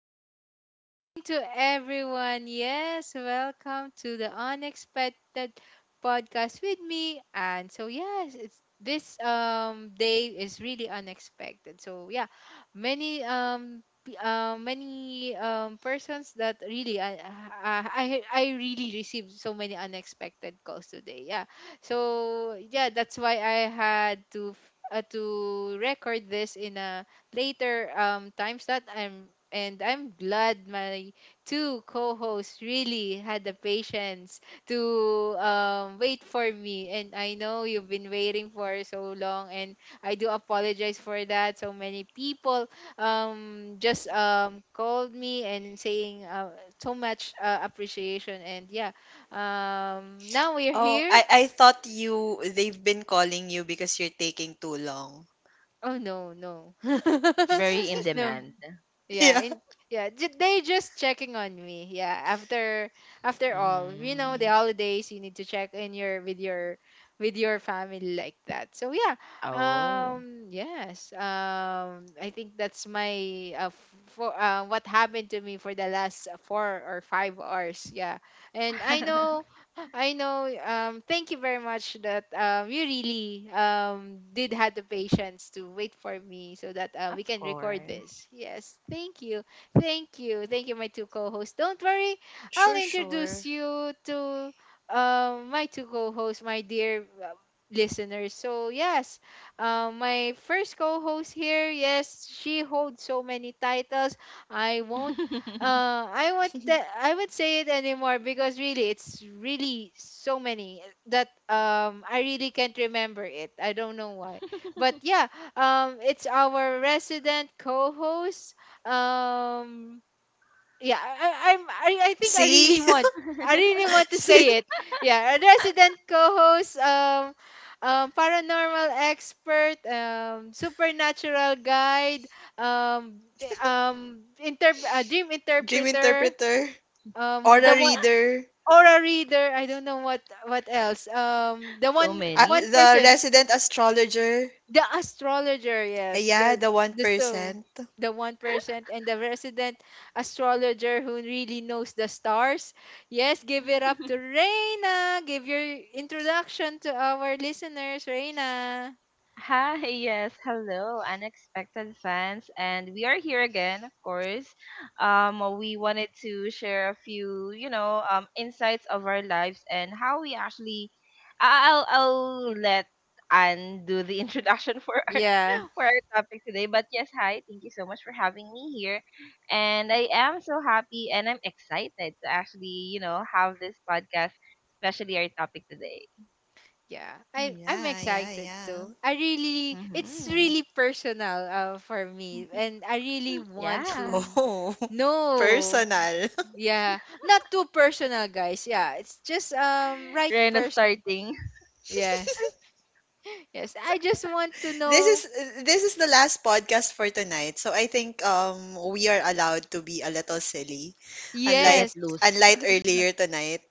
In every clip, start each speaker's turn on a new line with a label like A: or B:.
A: and good evening to everyone. Yes, welcome to the Unexpected Podcast with me. And so yes, it's this day is really unexpected. So yeah, many many persons that really I really received so many unexpected calls today. Yeah. So yeah, that's why I had to to record this in a later times that I'm glad my two co-hosts really had the patience to wait for me. And I know you've been waiting for so long, and I do apologize for that. So many people just called me and saying so much appreciation. And yeah, now we're
B: Oh,
A: here.
B: I thought you they've been calling you because you're taking too long.
A: Oh no, no,
C: Very in
A: no.
C: demand.
A: Yeah,
B: Yeah.
A: in they just checking on me. Yeah, after after all, you know, the
C: Mhm.
A: holidays you need to check in your with your with your family like that. So yeah,
C: Oh.
A: yes, I think that's my f- for what happened to me for the last four or five hours. Yeah, and I know. I know. Thank you very much that you really did have the patience to wait for me so that we
C: Of
A: can record
C: course.
A: this. Yes, thank you. Thank you. Thank you, my two co hosts. Don't worry,
B: Sure,
A: I'll introduce
B: sure.
A: you to my two co hosts, my dear listeners. So, yes, my first co host here, yes, she holds so many titles. I won't I would say it anymore because really it's really so many that I really can't remember it. I don't know why but yeah, it's our resident co-host. Um, yeah, I think
B: See?
A: I really want to
B: See?
A: say it. Yeah, a resident co-host, paranormal expert, supernatural guide, dream
B: Dream
A: interpreter,
B: interpreter, aura
A: the one
B: reader,
A: aura reader. I don't know what else. The
C: So many.
A: one
B: the
C: Huh?
A: person
B: resident astrologer.
A: the astrologer, yes.
B: Yeah, the
A: The so
B: 1%.
A: the 1% and the resident astrologer who really knows the stars. Yes, give it up to Reina. Give your introduction to our listeners, Reina.
C: Hi, yes, hello, unexpected fans, and we are here again, of course. We wanted to share a few, insights of our lives and how we actually. I'll let Anne do the introduction
A: Yeah.
C: for our topic today. But yes, hi. Thank you so much for having me here. And I am so happy and I'm excited to actually, have this podcast, especially our topic today.
A: Yeah. I'm
B: Yeah, yeah,
A: excited
B: yeah.
A: too. I really it's
C: Mm-hmm.
A: really personal for me and I really want to
C: Yeah.
B: Oh,
A: know
B: personal.
A: yeah, not too personal, guys. Yeah, it's just right
C: We're not
A: person.
C: starting
A: Yes. Yes. I just want to
B: This is
A: know.
B: this is the last podcast for tonight. So I think we are allowed to be a little silly.
C: to
B: Unlike
A: Yes.
C: let loose.
B: unlike earlier tonight.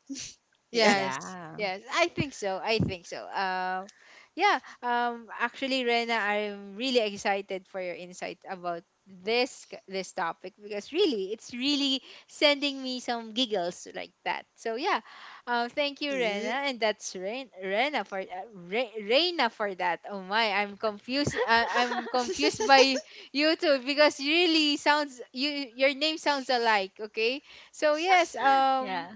B: Yeah.
A: Yes,
C: Yeah.
A: yes, I think so. I think so. Yeah. Actually, Rena, I'm really excited for your insight about this topic because really, it's really sending me some giggles like that. So yeah, thank you,
B: Mm.
A: Rena, and that's Rena for Reina for that. Oh my, I'm confused. I'm confused by you two because you really sounds you your name sounds alike. Okay, so yes.
C: Yeah.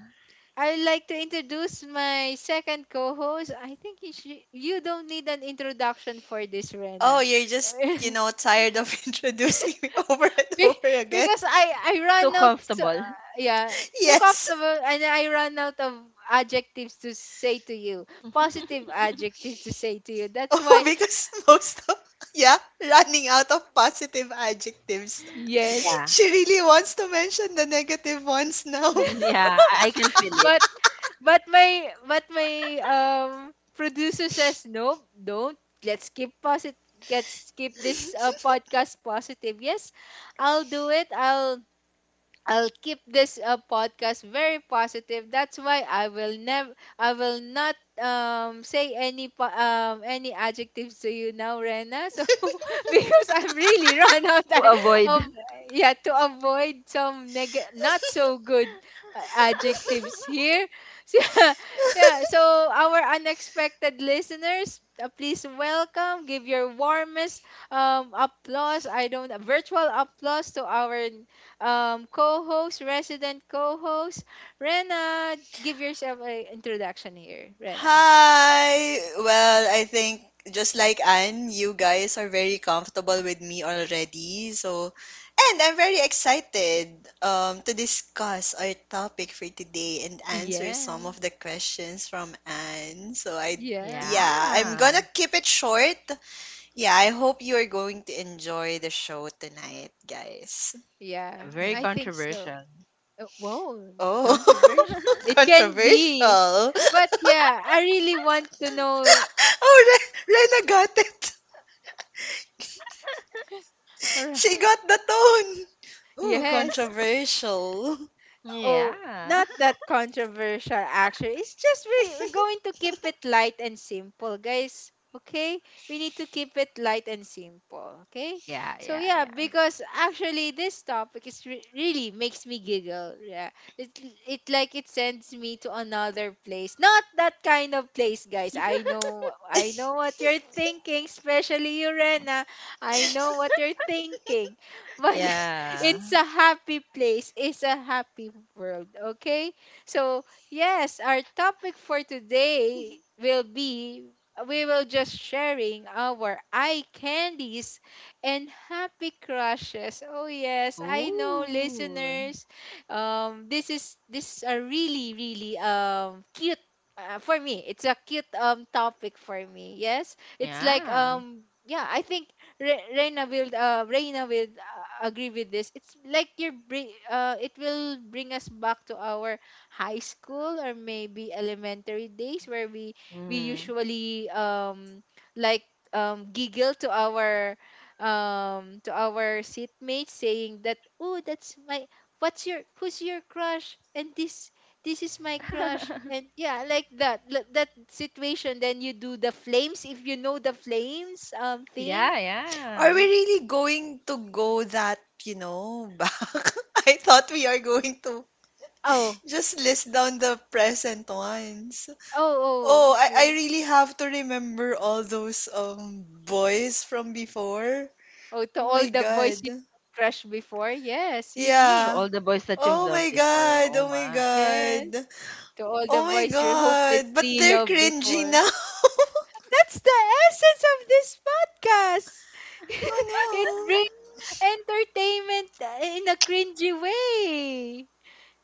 A: I'd like to introduce my second co-host. I think you, should, you don't need an introduction for this,
B: Oh,
A: Rena.
B: you're just, you know, tired of introducing me over and
A: Be-
B: over again.
A: because I
C: Too
A: ran out, so,
C: comfortable.
A: yeah, took off the
B: Yes.
A: wo- and I ran out of adjectives to say to you, positive adjective to say to you. That's
B: Oh,
A: why,
B: because most of yeah, running out of positive adjectives.
A: yes.
C: Yeah.
B: She really wants to mention the negative ones now.
C: Mm, yeah. I can feel it.
A: But but my um producer says no, don't. Let's keep positive. Let's keep this podcast positive. Yes, I'll do it. I'll keep this podcast very positive. That's why I will never, I will not say any any adjectives to you now, Rena. So because I've really run out
C: To
A: I- of
C: avoid.
A: yeah to avoid some not so good adjectives here. So, yeah, yeah. So our unexpected listeners, please welcome. Give your warmest applause I don't virtual applause to our co-host, resident co-host, Rena. Give yourself an introduction here, Rena.
B: Hi. Well, I think just like Anne, you guys are very comfortable with me already. So, and I'm very excited to discuss our topic for today and answer some
A: Yeah,
B: of the questions from Anne. So, I,
A: yeah.
B: yeah, I'm
C: Yeah.
B: gonna keep it short. Yeah, I hope you are going to enjoy the show tonight, guys.
A: Yeah,
C: Very
B: Yeah.
A: I think so.
C: controversial.
A: Whoa,
B: Oh,
A: controversial. It can be.
B: controversial.
A: But yeah, I really want to know.
B: Oh, Rena got it.
A: Ar-
B: She got the tone. Ooh,
A: Yes,
B: controversial.
A: oh,
C: Yeah.
A: not that controversial, actually. It's just we're going to keep it light and simple, guys. Okay? We need to keep it light and simple. Okay?
C: Yeah,
A: So,
C: yeah,
A: yeah,
C: yeah.
A: because actually this topic is really makes me giggle. Yeah. It, it like it sends me to another place. Not that kind of place, guys. I know what you're thinking, especially you, Rena. I know what you're thinking. But
C: Yeah.
A: it's a happy place. It's a happy world. Okay? So, yes, our topic for today will be we will just sharing our eye candies and happy crushes. Oh yes, I know
C: Ooh.
A: listeners. This is a really cute for me. It's a cute topic for me. Yes. It's like
C: Yeah.
A: yeah, I think Reina will agree with this. It's like your bring it will bring us back to our high school or maybe elementary days where we
C: Mm.
A: usually like giggle to our seatmates saying that oh that's my what's your who's your crush and this is my crush and yeah like that situation then you do the flames if you know the flames thing.
C: Yeah, yeah.
B: Are we really going to go that, you know, back? I thought we are going to
A: Oh,
B: just list down the present ones.
A: oh,
B: Oh,
A: oh,
B: I
A: oh,
B: really have to remember all those boys from before.
A: oh, to
B: Oh
A: all
B: my
A: the boys you
B: god.
A: had crush before, yes, you need,
C: To
B: Yeah.
C: all the boys that you've
B: Oh
C: loved
B: my
C: before.
B: god.
C: Oh
B: Oh my
C: my.
A: yes,
B: god.
A: to all the
B: Oh my
A: boys you
B: god. But
A: hopelessly
B: they're
A: loved
B: cringy
A: before.
B: now.
A: That's the essence of this podcast. It
B: Oh
A: brings entertainment in a cringy way.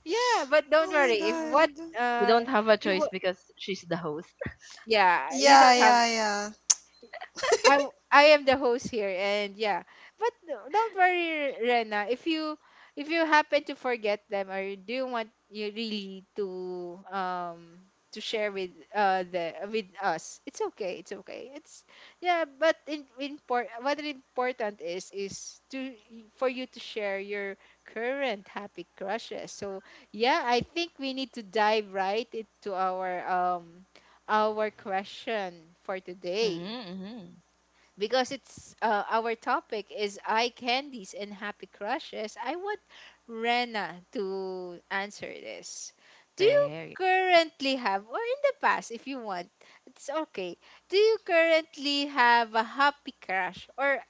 A: Yeah, but
B: no.
A: don't
B: Oh my
A: worry. If what,
B: god.
C: We don't
A: uh,
C: have a
A: if
C: choice
A: wha-
C: because she's the host.
A: yeah, you
B: Yeah,
A: don't have
B: yeah, yeah.
A: I am the host here and yeah. But don't worry, Rena. If you happen to forget them or you do want you really to share with the with us, it's okay. It's okay. It's yeah, but in import what is important is to for you to share your current happy crushes. So yeah, I think we need to dive right into our question for today
C: Mm-hmm, mm-hmm.
A: because it's our topic is eye candies and happy crushes. I want Rena to answer this. Do you
C: Very.
A: currently have, or in the past, if you want, it's okay. Do you currently have a happy crush or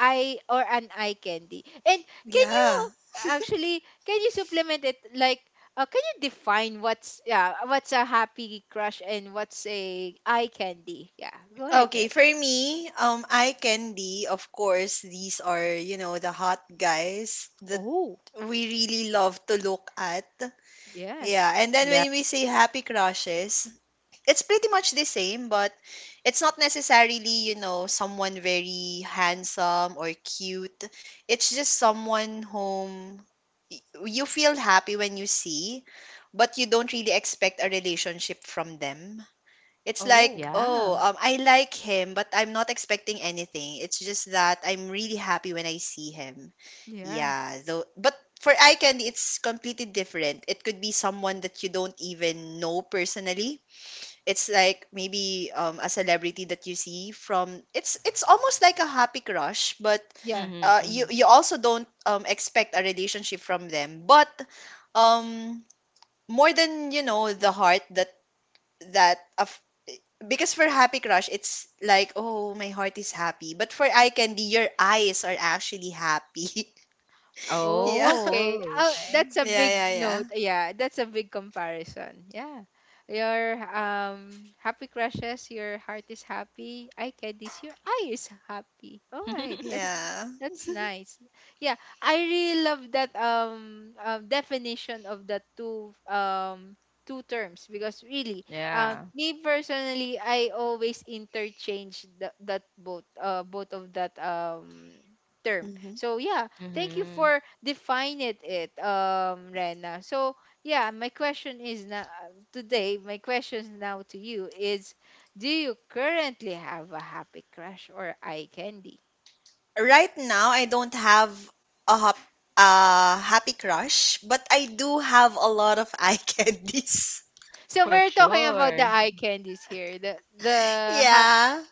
A: eye or an eye candy? And can
B: Yeah.
A: you actually can you supplement it like? Can you define what's yeah what's a happy crush and what's a eye candy? Yeah, go ahead,
B: Okay, for
A: Rena.
B: me, eye candy, of course, these are, you know, the hot guys that we really love to look at.
A: Yes.
B: Yeah, and then
C: Yeah.
B: when we say happy crushes, it's pretty much the same, but it's not necessarily, you know, someone very handsome or cute. It's just someone whom y- you feel happy when you see, but you don't really expect a relationship from them. It's like,
A: Oh,
C: Yeah.
B: oh, I like him, but I'm not expecting anything. It's just that I'm really happy when I see him.
A: yeah.
B: Yeah, though, but for eye candy, it's completely different. It could be someone that you don't even know personally, it's like maybe a celebrity that you see from it's almost like a happy crush, but
A: Yeah.
C: Mm-hmm, mm-hmm.
B: you also don't expect a relationship from them. But um, more than you know the heart that of because for happy crush it's like, oh, my heart is happy, but for eye candy your eyes are actually happy. yeah,
A: Oh, okay.
C: Oh,
A: Oh,
C: okay.
A: that's a big
B: yeah, yeah,
A: note. Yeah, that's a big comparison. Yeah. Your happy crushes, your heart is happy. I can this your eye is happy. All right.
B: yeah,
A: That's nice. Yeah, I really love that definition of the two two terms because really
C: Yeah.
A: me personally I always interchange that both both of that term.
B: yeah.
A: So yeah, thank you
C: Mm-hmm.
A: for defining it, Rena. So yeah, my question is now today. My question now to you is: Do you currently have a happy crush or eye candy?
B: Right now, I don't have a hop, a happy crush, but I do have a lot of eye candies.
A: So
C: For
A: we're talking about the
C: sure.
A: eye candies here.
B: Yeah,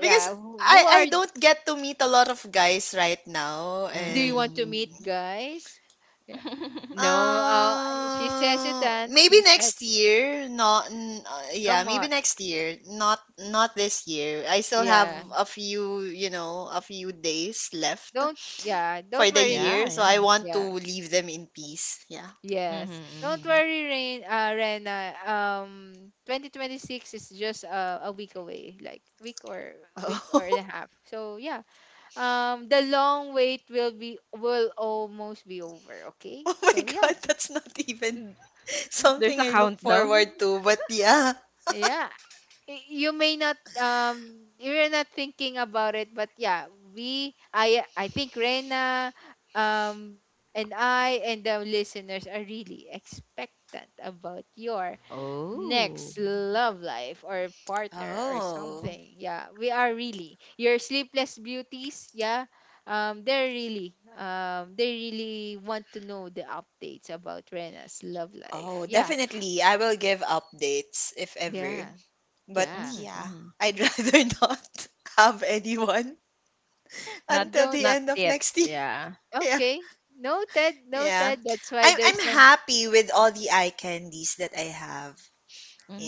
B: because I
A: Who
B: I
A: are
B: don't get to meet a lot of guys right now,
A: do you want to
B: and
C: Mm-hmm.
A: meet, guys? Yeah. No. She's hesitant.
B: maybe
A: She said,
B: next year. Not n- Yeah,
A: "Come
B: maybe
A: on,
B: next year. Not not this year. I still have
A: yeah.
B: a few, you know, a few days left
A: Don't yeah.
B: for
A: Don't
B: the
A: worry.
C: Yeah,
B: year, so
C: yeah.
B: I want to
A: Yeah."
B: leave them in peace. Yeah.
C: Mm-hmm,
A: Yes. Don't
C: mm-hmm.
A: worry, Rena. 2026 is just a week away, like week or
B: Oh,
A: and a half. So yeah, the long wait will be will almost be over. Okay.
B: oh my
A: So yeah,
B: God, that's not even
C: There's
B: something
C: a
B: I look
C: countdown.
B: forward to, but yeah.
A: yeah. You may not you're not thinking about it, but yeah, we I think Rena, um, and I and the listeners are really expectant about your
C: Oh.
A: next love life or partner or
B: Oh,
A: something. Yeah, we are really your sleepless beauties. Yeah, they're really they really want to know the updates about Rena's love
B: oh,
A: life. Yeah,
B: definitely. I will give updates if ever.
A: yeah,
B: But
A: yeah,
C: Mhm,
B: yeah,
C: mhm.
B: I'd rather not have anyone
C: Not
B: until
A: don't
B: the
C: not
B: end of
C: yet,
B: next year.
C: yeah.
B: Yeah,
A: okay, noted,
B: yeah.
A: noted. That's why
B: I'm
A: there's no
B: happy with all the eye candies that I have.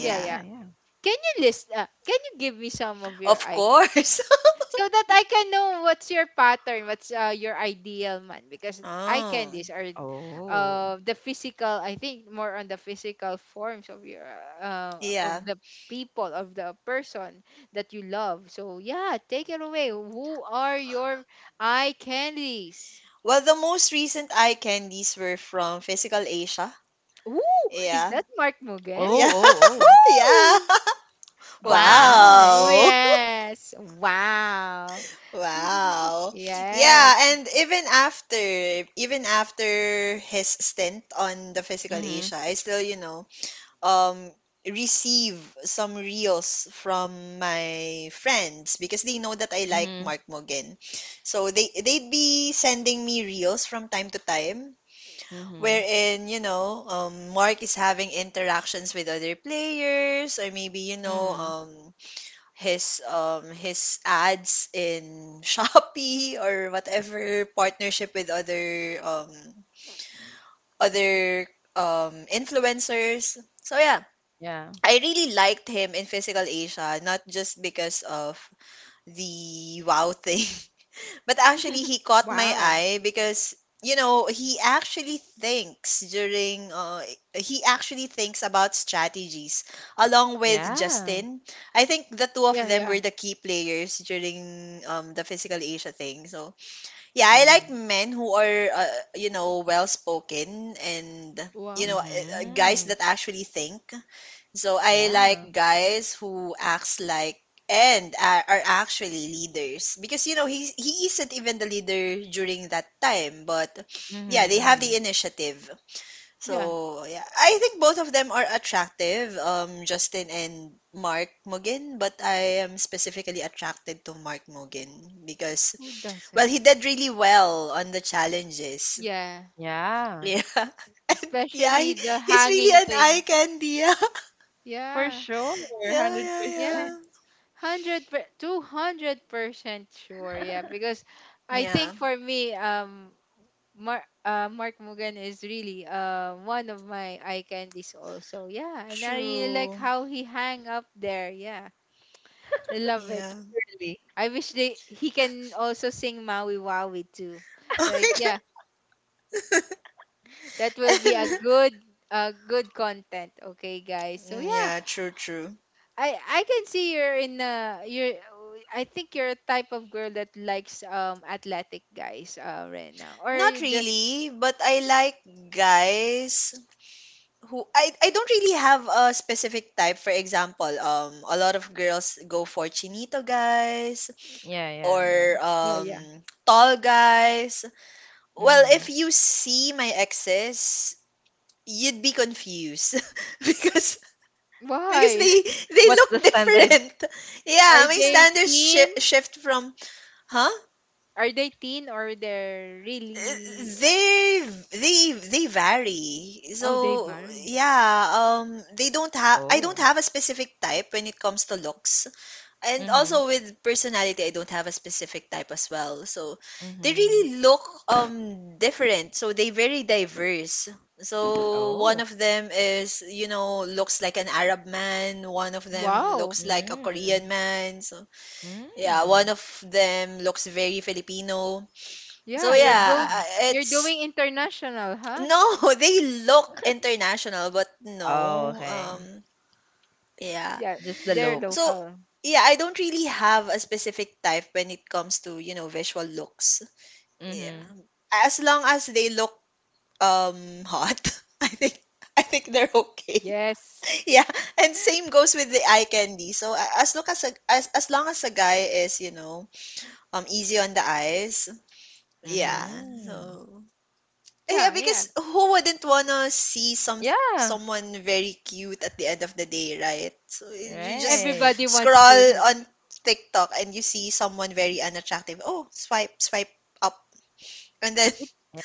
A: yeah,
C: yeah,
A: yeah.
C: yeah.
A: Can you list can you give me some of your
B: of
A: I
B: course.
A: so that I can know what's your pattern, what's your ideal man, because eye
B: Oh,
A: candies are
C: Oh.
A: the physical, I think more on the physical forms of your of
B: yeah.
A: the people of the person that you love. So yeah, take it away. Who are your eye candies?
B: Well, the most recent eye candies were from Physical Asia.
A: Ooh, is
B: Yeah.
A: that Mark
C: Oh,
A: Mugen?
B: Yeah.
C: oh, oh.
B: Yeah.
A: Woo!
C: Oh,
A: Wow.
C: my.
B: Wow.
A: Yes. Wow.
B: Wow.
A: Yes.
B: Yeah, and even after his stint on the Physical
C: Mhm,
B: Asia, I still, you know, um receive some reels from my friends because they know that I like
C: mhm,
B: Mark Mogan. So they'd be sending me reels from time to time
C: mhm,
B: wherein you know Mark is having interactions with other players or maybe you know
C: mhm.
B: his ads in Shopee or whatever partnership with other other influencers. So yeah,
C: Yeah.
B: I really liked him in Physical Asia, not just because of the wow thing, but actually, he caught my
A: Wow.
B: eye because, you know, he actually thinks about strategies along with
C: Yeah.
B: Justin. I think the two of
A: Yeah,
B: them
A: yeah.
B: were the key players during the Physical Asia thing. So, yeah, I like
C: Mhm,
B: men who are, you know, well spoken and, you
A: Wow.
B: know, guys
C: mhm.
B: that actually think. So I
C: Yeah.
B: like guys who acts like and are actually leaders because you know he isn't even the leader during that time, but yeah, they
C: Mhm,
B: have the
C: mhm.
B: initiative.
A: Yeah.
B: So yeah, I think both of them are attractive, Justin and Mark Mugen, but I am specifically attracted to Mark Mugen because
A: Who
B: well,
A: doesn't?
B: he did really well on the challenges.
A: Yeah.
C: Yeah.
B: Yeah. And yeah,
A: Especially the
B: he's really
A: hanging
B: an eye
A: thing.
B: candy. Yeah,
C: For
A: Yeah.
C: sure,
A: Yeah.
B: yeah, yeah.
A: Yeah.
C: 100%.
B: Yeah.
A: 200% sure. Yeah, because I
B: Yeah,
A: think for me Mark Mark Mugan is really one of my eye candies also. Yeah, and I really like
B: true.
A: how he hang up there. Yeah, I love it.
B: Yeah.
C: Really?
A: I wish they he can also sing Maui Wawi too,
B: Oh
A: right?
B: my
A: Yeah,
B: God.
A: that will be
B: And
A: a good good content. Okay guys, so
B: mm,
A: yeah,
B: yeah, true, true.
A: I can see you're in you're I think you're a type of girl that likes athletic guys, uh, right now, or
B: Not
A: you just
B: really, but I like guys who I don't really have a specific type. For example, a lot of girls go for chinito guys
C: Yeah,
B: or
C: yeah, yeah.
A: yeah, yeah.
B: tall guys. Well, if
C: Mhm.
B: you see my exes, you'd be confused because because
A: Why
B: they they
C: What's the
B: look
C: standard?
B: different. Yeah,
A: are
B: my
A: they
B: standards
A: teen?
B: shift from huh?
A: Are they teen or they're
B: Uh,
A: really
B: They they they vary.
A: oh they
B: So
A: vary?
B: yeah, they don't have I don't
C: Oh.
B: have a specific type when it comes to looks. And
C: Mhm,
B: also with personality, I don't have a specific type as well. So they
C: mhm.
B: really look different, so they very diverse, so one
C: Oh.
B: of them is, you know, looks like an Arab man, one of them
A: Wow,
B: looks like a Korean
C: Mm,
B: man. So yeah, one
C: mm.
B: of them looks very Filipino. So
A: yeah, you're
B: yeah,
A: go,
C: Mhm.
A: you're
B: it's
A: doing international huh?
B: no, they look international, but
C: Oh,
B: no,
C: okay.
B: yeah.
A: Yeah,
C: Just the
A: they're
B: So,
C: looks.
A: local.
B: yeah, I don't really have a specific type when it comes to, you know, visual looks. Yeah.
C: Mhm.
B: As long as they look hot, I think I think they're okay.
A: Yes,
B: Yeah, and same goes with the eye candy. So as long as a guy is, you know, easy on the eyes, yeah.
C: Mhm.
B: So yeah,
A: yeah, yeah,
B: because who wouldn't wanna see
C: Yeah.
B: someone very cute at the end of the day, right? So you just
C: Right.
A: everybody wants
B: scroll
A: to know.
B: on TikTok and you see someone very unattractive. Oh, swipe, swipe up, and then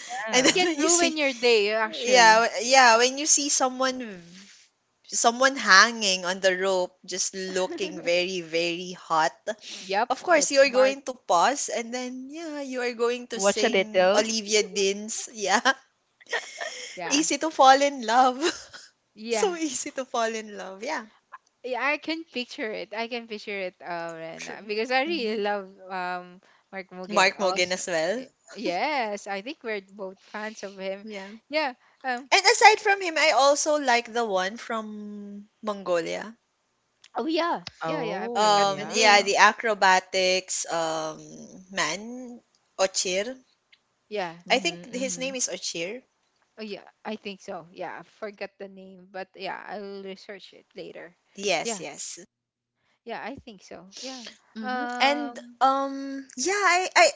A: It
B: and then
C: Yeah.
A: can
B: when you
A: ruin
B: see,
A: your day,
B: yeah,
A: actually.
B: yeah, when you see someone hanging on the rope, just looking very, very hot.
A: Yep,
B: Of course, you
A: that's
B: are
A: Mark.
B: going to pause, and then yeah, you are going to
C: Watch a
B: sing
C: little.
B: Olivia Dean's, yeah,
A: Yeah.
B: Easy to Fall in Love.
A: Yeah.
B: So easy to fall in love. Yeah,
A: Yeah, I can picture it. I can picture it, Rena,
B: true.
A: because I really
B: Hmm.
A: love Mark Mugen
B: Mark Mogan
A: also.
B: as well.
A: Y- Yes, I think we're both fans of him.
B: Yeah.
A: Yeah. Um.
B: And aside from him, I also like the one from Mongolia.
A: Oh yeah. Yeah. Yeah. I forgot
C: Oh,
A: the
B: Yeah,
A: name.
C: yeah.
B: the acrobatics man, Ochir.
A: Yeah.
B: I
C: Mhm.
B: think his name
C: Mhm.
B: is Ochir.
A: Oh yeah. I think so. Yeah. I forgot the name, but yeah, I'll research it later.
B: Yes,
A: Yeah.
B: yes.
A: Yeah. I think so. Yeah.
B: Mm-hmm. And
A: Um.
B: yeah, I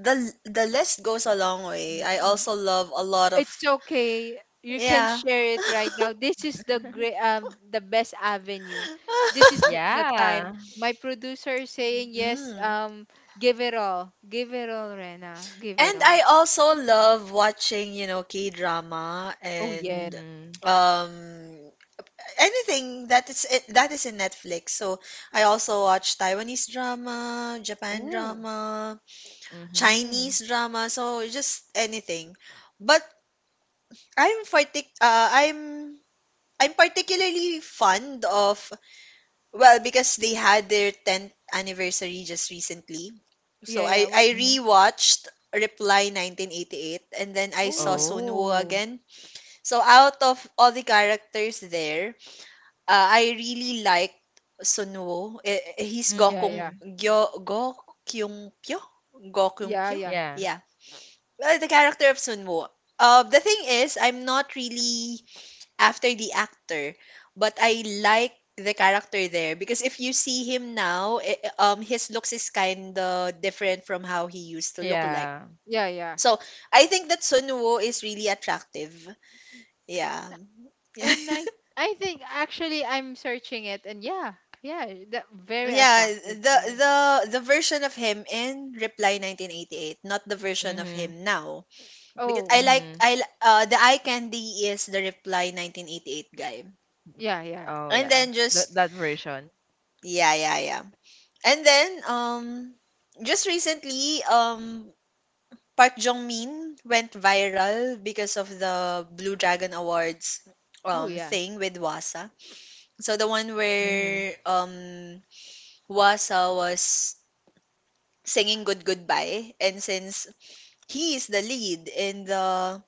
B: the the list goes a long way. I also love a lot of
A: It's okay. You can
B: yeah.
A: share it right now. This is the great, the best avenue. This is the time.
C: Yeah.
A: My producer is saying yes.
B: Mm.
A: Give it all. Give it all, Rena. Give it
B: And
A: all.
B: I also love watching, you know, K-drama
A: Oh yeah.
B: and
C: Mhm.
B: um anything that is in Netflix. So I also watch Taiwanese drama, Japan
A: Oh
B: drama,
C: Mhm.
B: Chinese drama, so just anything. But I'm partic uh, I'm I'm particularly fond of well, because they had their 10th anniversary just recently. So
A: yeah, yeah.
B: I
A: What?
B: I
C: Mhm.
B: rewatched Reply 1988 and then I saw
A: Oh
B: Sunwoo
C: Oh.
B: again. So out of all the characters there, I really liked Sunwoo. He's
A: yeah,
B: Gokung
A: yeah,
C: Mhm.
B: Gyo Gokyung Pyo? Gokyung
A: yeah,
B: Pyo?
A: yeah,
C: Yeah.
B: Yeah. Well, the character of Sunwoo. The thing is, I'm not really after the actor, but I like the character there because if you see him now, his looks is kinda different from how he used to look like.
C: Yeah.
A: yeah, yeah.
B: So I think that Sun Woo is really attractive. Yeah, yeah,
A: And I think actually I'm searching it, and yeah, yeah, that very
B: yeah.
A: attractive
B: The
A: guy.
B: the the version of him in Reply 1988, not the version of
C: Mhm.
B: him now. Because
A: Oh
B: I like
C: Mhm.
B: I li- the eye candy is the Reply 1988 guy,
A: yeah, yeah.
C: Oh,
B: and
C: yeah.
B: then
C: That
B: just
C: that version.
B: yeah yeah yeah. And then, just recently, Park Jong-min went viral because of the Blue Dragon Awards
A: Oh yeah,
B: thing with Wasa. So the one
C: Mhm.
B: where Wasa was singing "Good Goodbye," and since he is the lead in the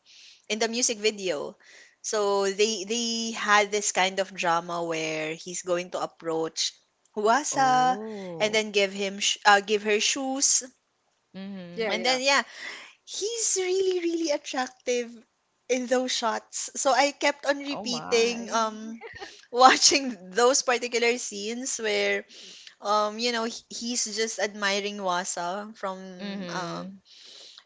B: in the music video, so they had this kind of drama where he's going to approach Wasa and
C: Oh.
B: then give give her shoes.
A: yeah,
C: Mhm.
B: And
A: yeah,
B: then yeah, he's really really attractive in those shots. So I kept on
C: Oh
B: repeating
C: my.
B: watching those particular scenes where you know he's just admiring Wasa from um
C: Mhm.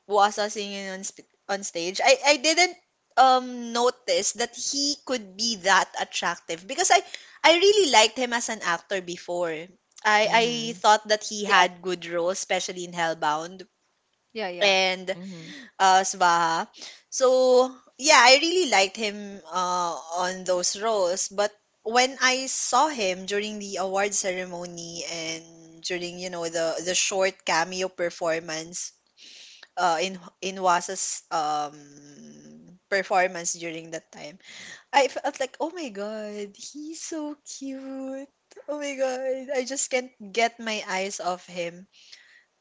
B: Wasa singing on on stage. I didn't notice that he could be that attractive because I really liked him as an actor before. I
C: Mhm,
B: thought that he
A: yeah,
B: had good roles, especially in Hellbound.
A: yeah, yeah,
B: And
C: mhm.
B: Swaha. So yeah, I really liked him on those roles. But when I saw him during the award ceremony and during the short cameo performance in Wasa's performance during that time, I felt like, oh my god, he's so cute. Oh my god, I just can't get my eyes off him.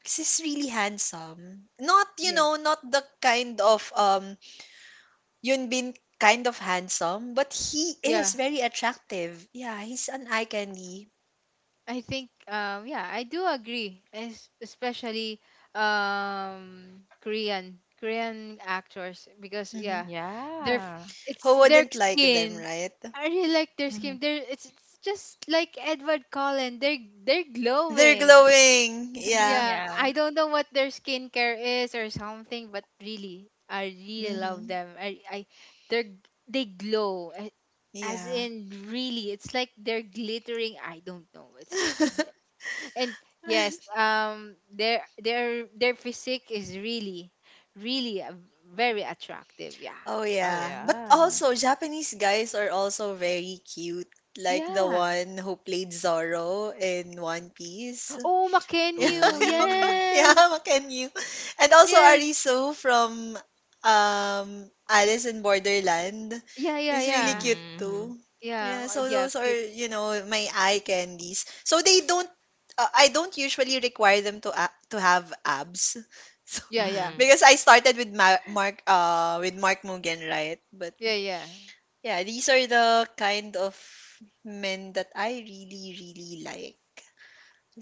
B: 'Cause he's really handsome. Not, not the kind of Yunbin kind of handsome, but he is
A: yeah.
B: very attractive. Yeah, he's an eye candy.
A: I think yeah, I do agree. Especially Korean actors, because
B: Hmm.
A: yeah, their f-
C: Yeah.
A: it's
B: Who
A: their
B: wouldn't like them,
A: skin.
B: right?
A: I really like their
C: Mhm.
A: skin. They're it's just like Edward Cullen. They're
B: They're
A: glowing.
B: glowing. Yeah.
A: Yeah, I
C: Yeah.
A: don't know what their skincare is or something, but really, I really love
B: Hmm.
A: them. I they glow. As
B: Yeah.
A: in really, it's like they're glittering. I don't know. It's and yes, their physique is really, really, very attractive. Yeah,
B: Oh
C: Oh,
B: yeah. But
C: yeah.
B: also Japanese guys are also very cute. Like the
A: yeah.
B: one who played Zoro in One Piece.
A: Oh,
B: Yeah,
A: Makenyu.
C: Oh.
B: yeah,
A: Yes,
B: Macken you. And also
A: yes.
B: Arisu from um Alice in Borderland
A: Yeah, yeah,
B: is really
A: yeah,
B: cute
C: Mhm, mhm,
B: too.
A: yeah,
B: Yeah, so
A: yeah.
B: those are,
A: Cute.
B: my eye candies. So they don't I don't usually require them to have abs. So
A: Yeah, yeah,
C: mhm.
B: because I started with Mark Mugen, right? But
A: yeah, yeah.
B: yeah, these are the kind of men that I really really like.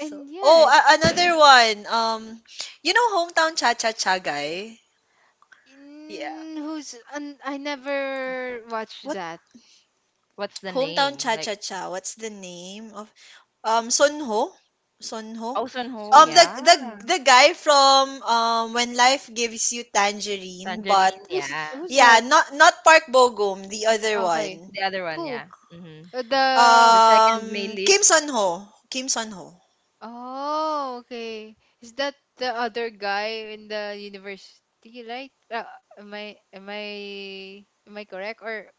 B: So, oh,
A: yeah, it's
B: another one. You know hometown cha cha cha guy? Yeah.
A: in who's and I never watched
B: What
A: that.
C: What's the
B: Hometown
C: name?
B: cha cha
C: Like,
B: cha? What's the name of Sunho? Sunho?
C: oh, Sun-ho,
B: Um
A: So
B: the the
C: yeah.
B: the guy from When Life Gives You Tangerine, but
C: Tangerine,
A: who's
C: yeah.
B: yeah,
A: that?
B: not Park Bogum, the other
A: Okay,
B: one.
C: The other one,
A: who
C: yeah. Mhm.
A: uh, the
C: The second male lead.
B: Kim Sunho. Kim Sunho.
A: oh, okay. Is that the other guy in the university, right? Am I correct, or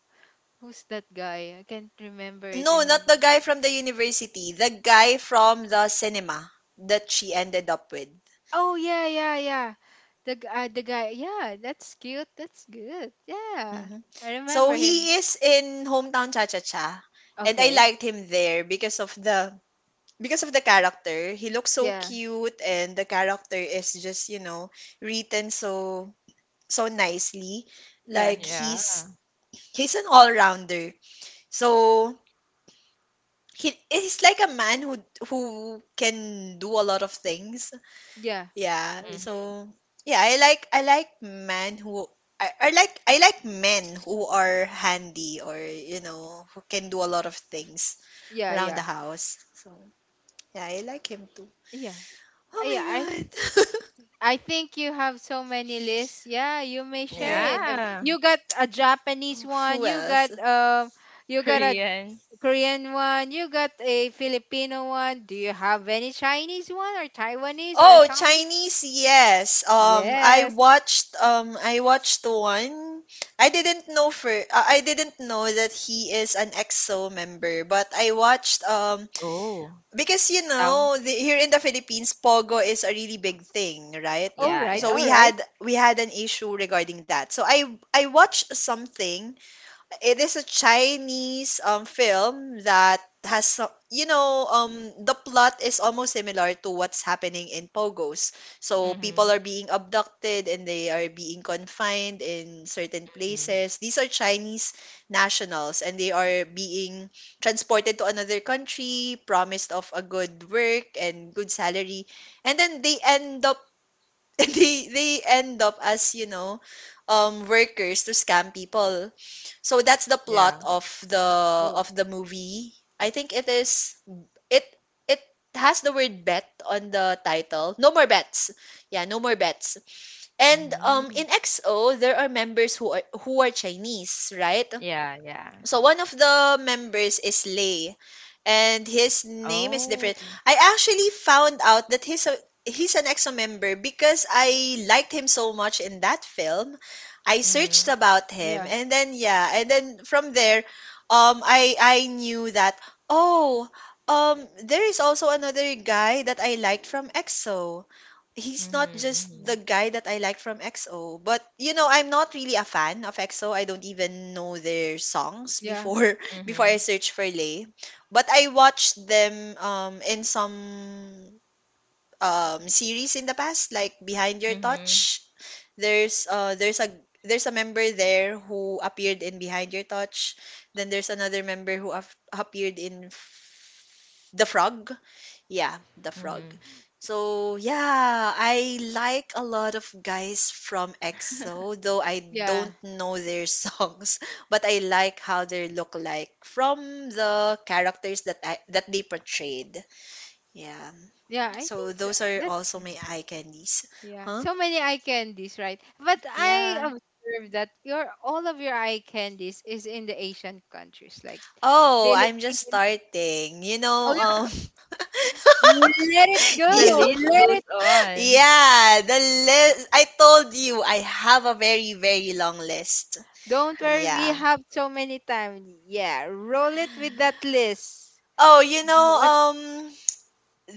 A: who's that guy? I can't remember it
B: No, not
A: in
B: the guy from the university. The guy from the cinema that she ended up with.
A: oh, yeah, yeah, yeah. The guy. Yeah, that's cute. That's good. Yeah.
B: Mhm.
A: I
B: So
A: remember him.
B: he is in Hometown Cha Cha Cha, and I
A: Okay.
B: liked him there because of the character. He looks so
A: Yeah.
B: cute, and the character is just written so nicely.
A: Yeah.
B: Like
C: Yeah.
B: he's an all rounder. So he's like a man who can do a lot of things.
A: Yeah.
B: Yeah, so
C: Mhm.
B: yeah, I like men who I like men who are handy or who can do a lot of things
A: Yeah,
B: around
A: yeah.
B: the house. So yeah, I like him too.
A: Yeah.
B: Oh
A: Yeah,
B: my god.
A: I think you have so many lists. Yeah, you may share
B: Yeah.
A: it.
C: Yeah.
A: You got a Japanese
B: Oh,
A: one,
B: who else?
A: you got a
C: Korean.
A: Korean one, you got a Filipino one. Do you have any Chinese one, or Taiwanese or
B: Oh,
A: something?
B: Chinese, yes. I
A: Yes.
B: watched um I watched one. I didn't know that he is an EXO member, but I watched
C: Oh.
B: Because
C: Tao.
B: here in the Philippines, pogo is a really big thing, right?
A: All
C: Yeah,
A: right,
B: So
C: yeah,
A: all
B: we
C: yeah.
B: had
A: right.
B: we had an issue regarding that. So I watched something. It is a Chinese film that has some, the plot is almost similar to what's happening in Pogos. So people
C: Mhm.
B: are being abducted and they are being confined in certain
C: Mhm.
B: places. These are Chinese nationals and they are being transported to another country, promised of a good work and good salary. And then they end up they end up as workers to scam people. So that's the
C: Yeah.
B: plot of the
A: Oh,
B: of the movie. I think it is it it has the word bet on the title. No more bets. Yeah, no more bets. And in
C: Mhm.
B: xo there are members who are Chinese, right?
C: Yeah, yeah.
B: So one of the members is Lay, and his name is different.
C: Oh.
B: I actually found out that he's an EXO member because I liked him so much in that film. I searched
C: Mhm.
B: about him,
A: yeah.
B: and then yeah, and then from there, I knew that, oh, there is also another guy that I liked from EXO. He's not
C: Mhm.
B: just the
C: Mhm.
B: guy that I like from EXO, but I'm not really a fan of EXO. I don't even know their songs
A: Yeah.
B: before before I
C: Mhm.
B: search for Lay. But I watched them in some series in the past, like Behind Your
C: Mhm,
B: Touch. There's uh there's a there's a member there who appeared in Behind Your Touch. Then there's another member who appeared in The Frog. Yeah, The Frog.
C: mhm.
B: So, yeah, I like a lot of guys from EXO, though I
A: Yeah.
B: don't know their songs, but I like how they look like from the characters that that they portrayed. Yeah.
A: Yeah, I
B: So
A: think so.
B: those are
A: That's
B: also my eye candies.
A: yeah.
B: Huh?
A: So many eye candies, right? But I
B: Yeah.
A: observed that your all of your eye candies is in the Asian countries, like the
B: Oh, I'm just
A: Philippines.
B: starting.
A: Oh, let it go.
C: The
B: You
C: list
A: Let it.
C: goes on.
B: yeah, the list. I told you I have a very, very long list.
A: Don't worry. We
B: Yeah.
A: have so many time. Yeah, roll it with that list.
B: Oh,
A: What?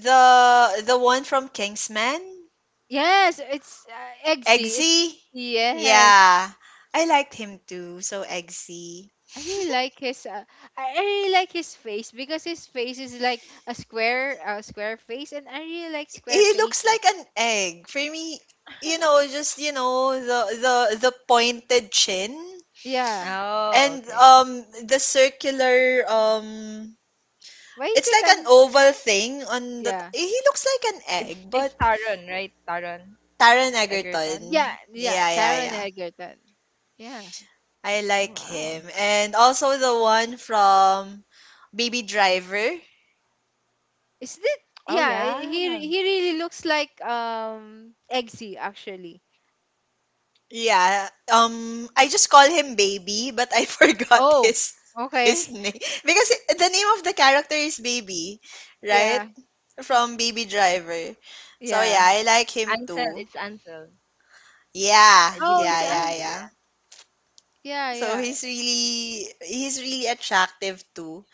B: the one from Kingsman,
A: Yes, it's, Eggsy. It's
B: Eggsy.
A: yes.
B: Yeah, I liked him too. So Eggsy,
A: I really like his. I really like his face, because his face is like a square face, and I really like square
B: he looks
A: faces.
B: like an egg for me. You know, just you know the pointed chin
A: Yeah.
C: Oh,
B: and
C: okay.
B: the circular
A: Why is
B: It's
A: it?
B: like an
A: I'm.
B: oval thing on
A: Yeah.
B: he looks like an egg,
C: It's
B: but
C: Taron, right? Taron
B: Taron
C: Egerton.
B: Egerton.
A: Yeah. Yeah.
B: Yeah, yeah,
C: Yeah.
A: Taron
B: yeah.
A: Egerton. Yeah.
B: I
C: Oh
B: like
C: wow.
B: him. And also the one from Baby Driver.
A: Is that
C: Oh
A: yeah,
C: yeah.
A: he really looks like Eggsy actually.
B: Yeah. I just call him Baby, but I forgot
A: Oh,
B: his
A: okay.
B: name because the name of the character is Baby, right?
A: Yeah,
B: From Baby Driver. So yeah,
A: yeah.
B: I like him
C: Ansel.
B: too.
C: It's Ansel.
B: Yeah,
C: I
A: Oh,
C: believe
A: it's
B: yeah,
C: it's
B: yeah,
C: Ansel. Yeah.
B: yeah.
A: yeah,
B: So
A: yeah.
B: he's really attractive too.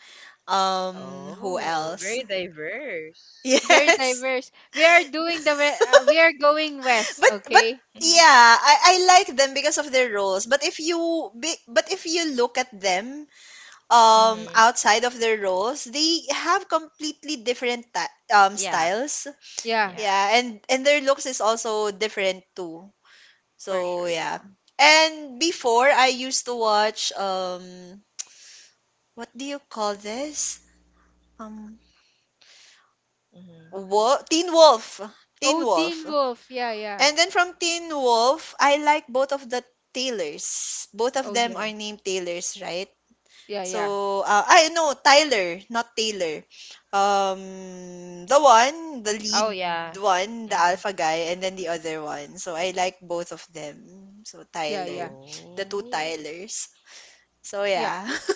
B: Who
C: Oh,
B: else?
C: very diverse.
A: Very
B: Yes.
A: diverse. We are doing the we are going west,
B: But
A: okay?
B: yeah, I like them because of their roles. But if you look at them
C: Mm-hmm.
B: outside of their roles, they have completely different
C: Yeah.
B: styles.
A: Yeah.
C: Yeah.
B: Yeah, and their looks is also different too.
C: For sure.
B: So
C: Yeah.
B: yeah. And before I used to watch what do you call this? Um.
C: Mm-hmm.
B: Teen Wolf. Teen
A: Oh,
B: Wolf.
A: Teen Wolf. Yeah, yeah.
B: And then from Teen Wolf, I like both of the Taylors. Both of
A: Oh,
B: them
A: yeah.
B: are named Taylors, right?
A: Yeah, yeah.
B: So, I know Tyler, not Taylor. The one, the
C: Oh
B: lead
C: yeah.
B: one, the
C: Mm-hmm.
B: alpha guy, and then the other one. So, I like both of them. So,
A: Yeah,
B: Tyler.
A: yeah.
B: The two
C: Oh.
B: Tylers. So,
A: Yeah.
B: yeah.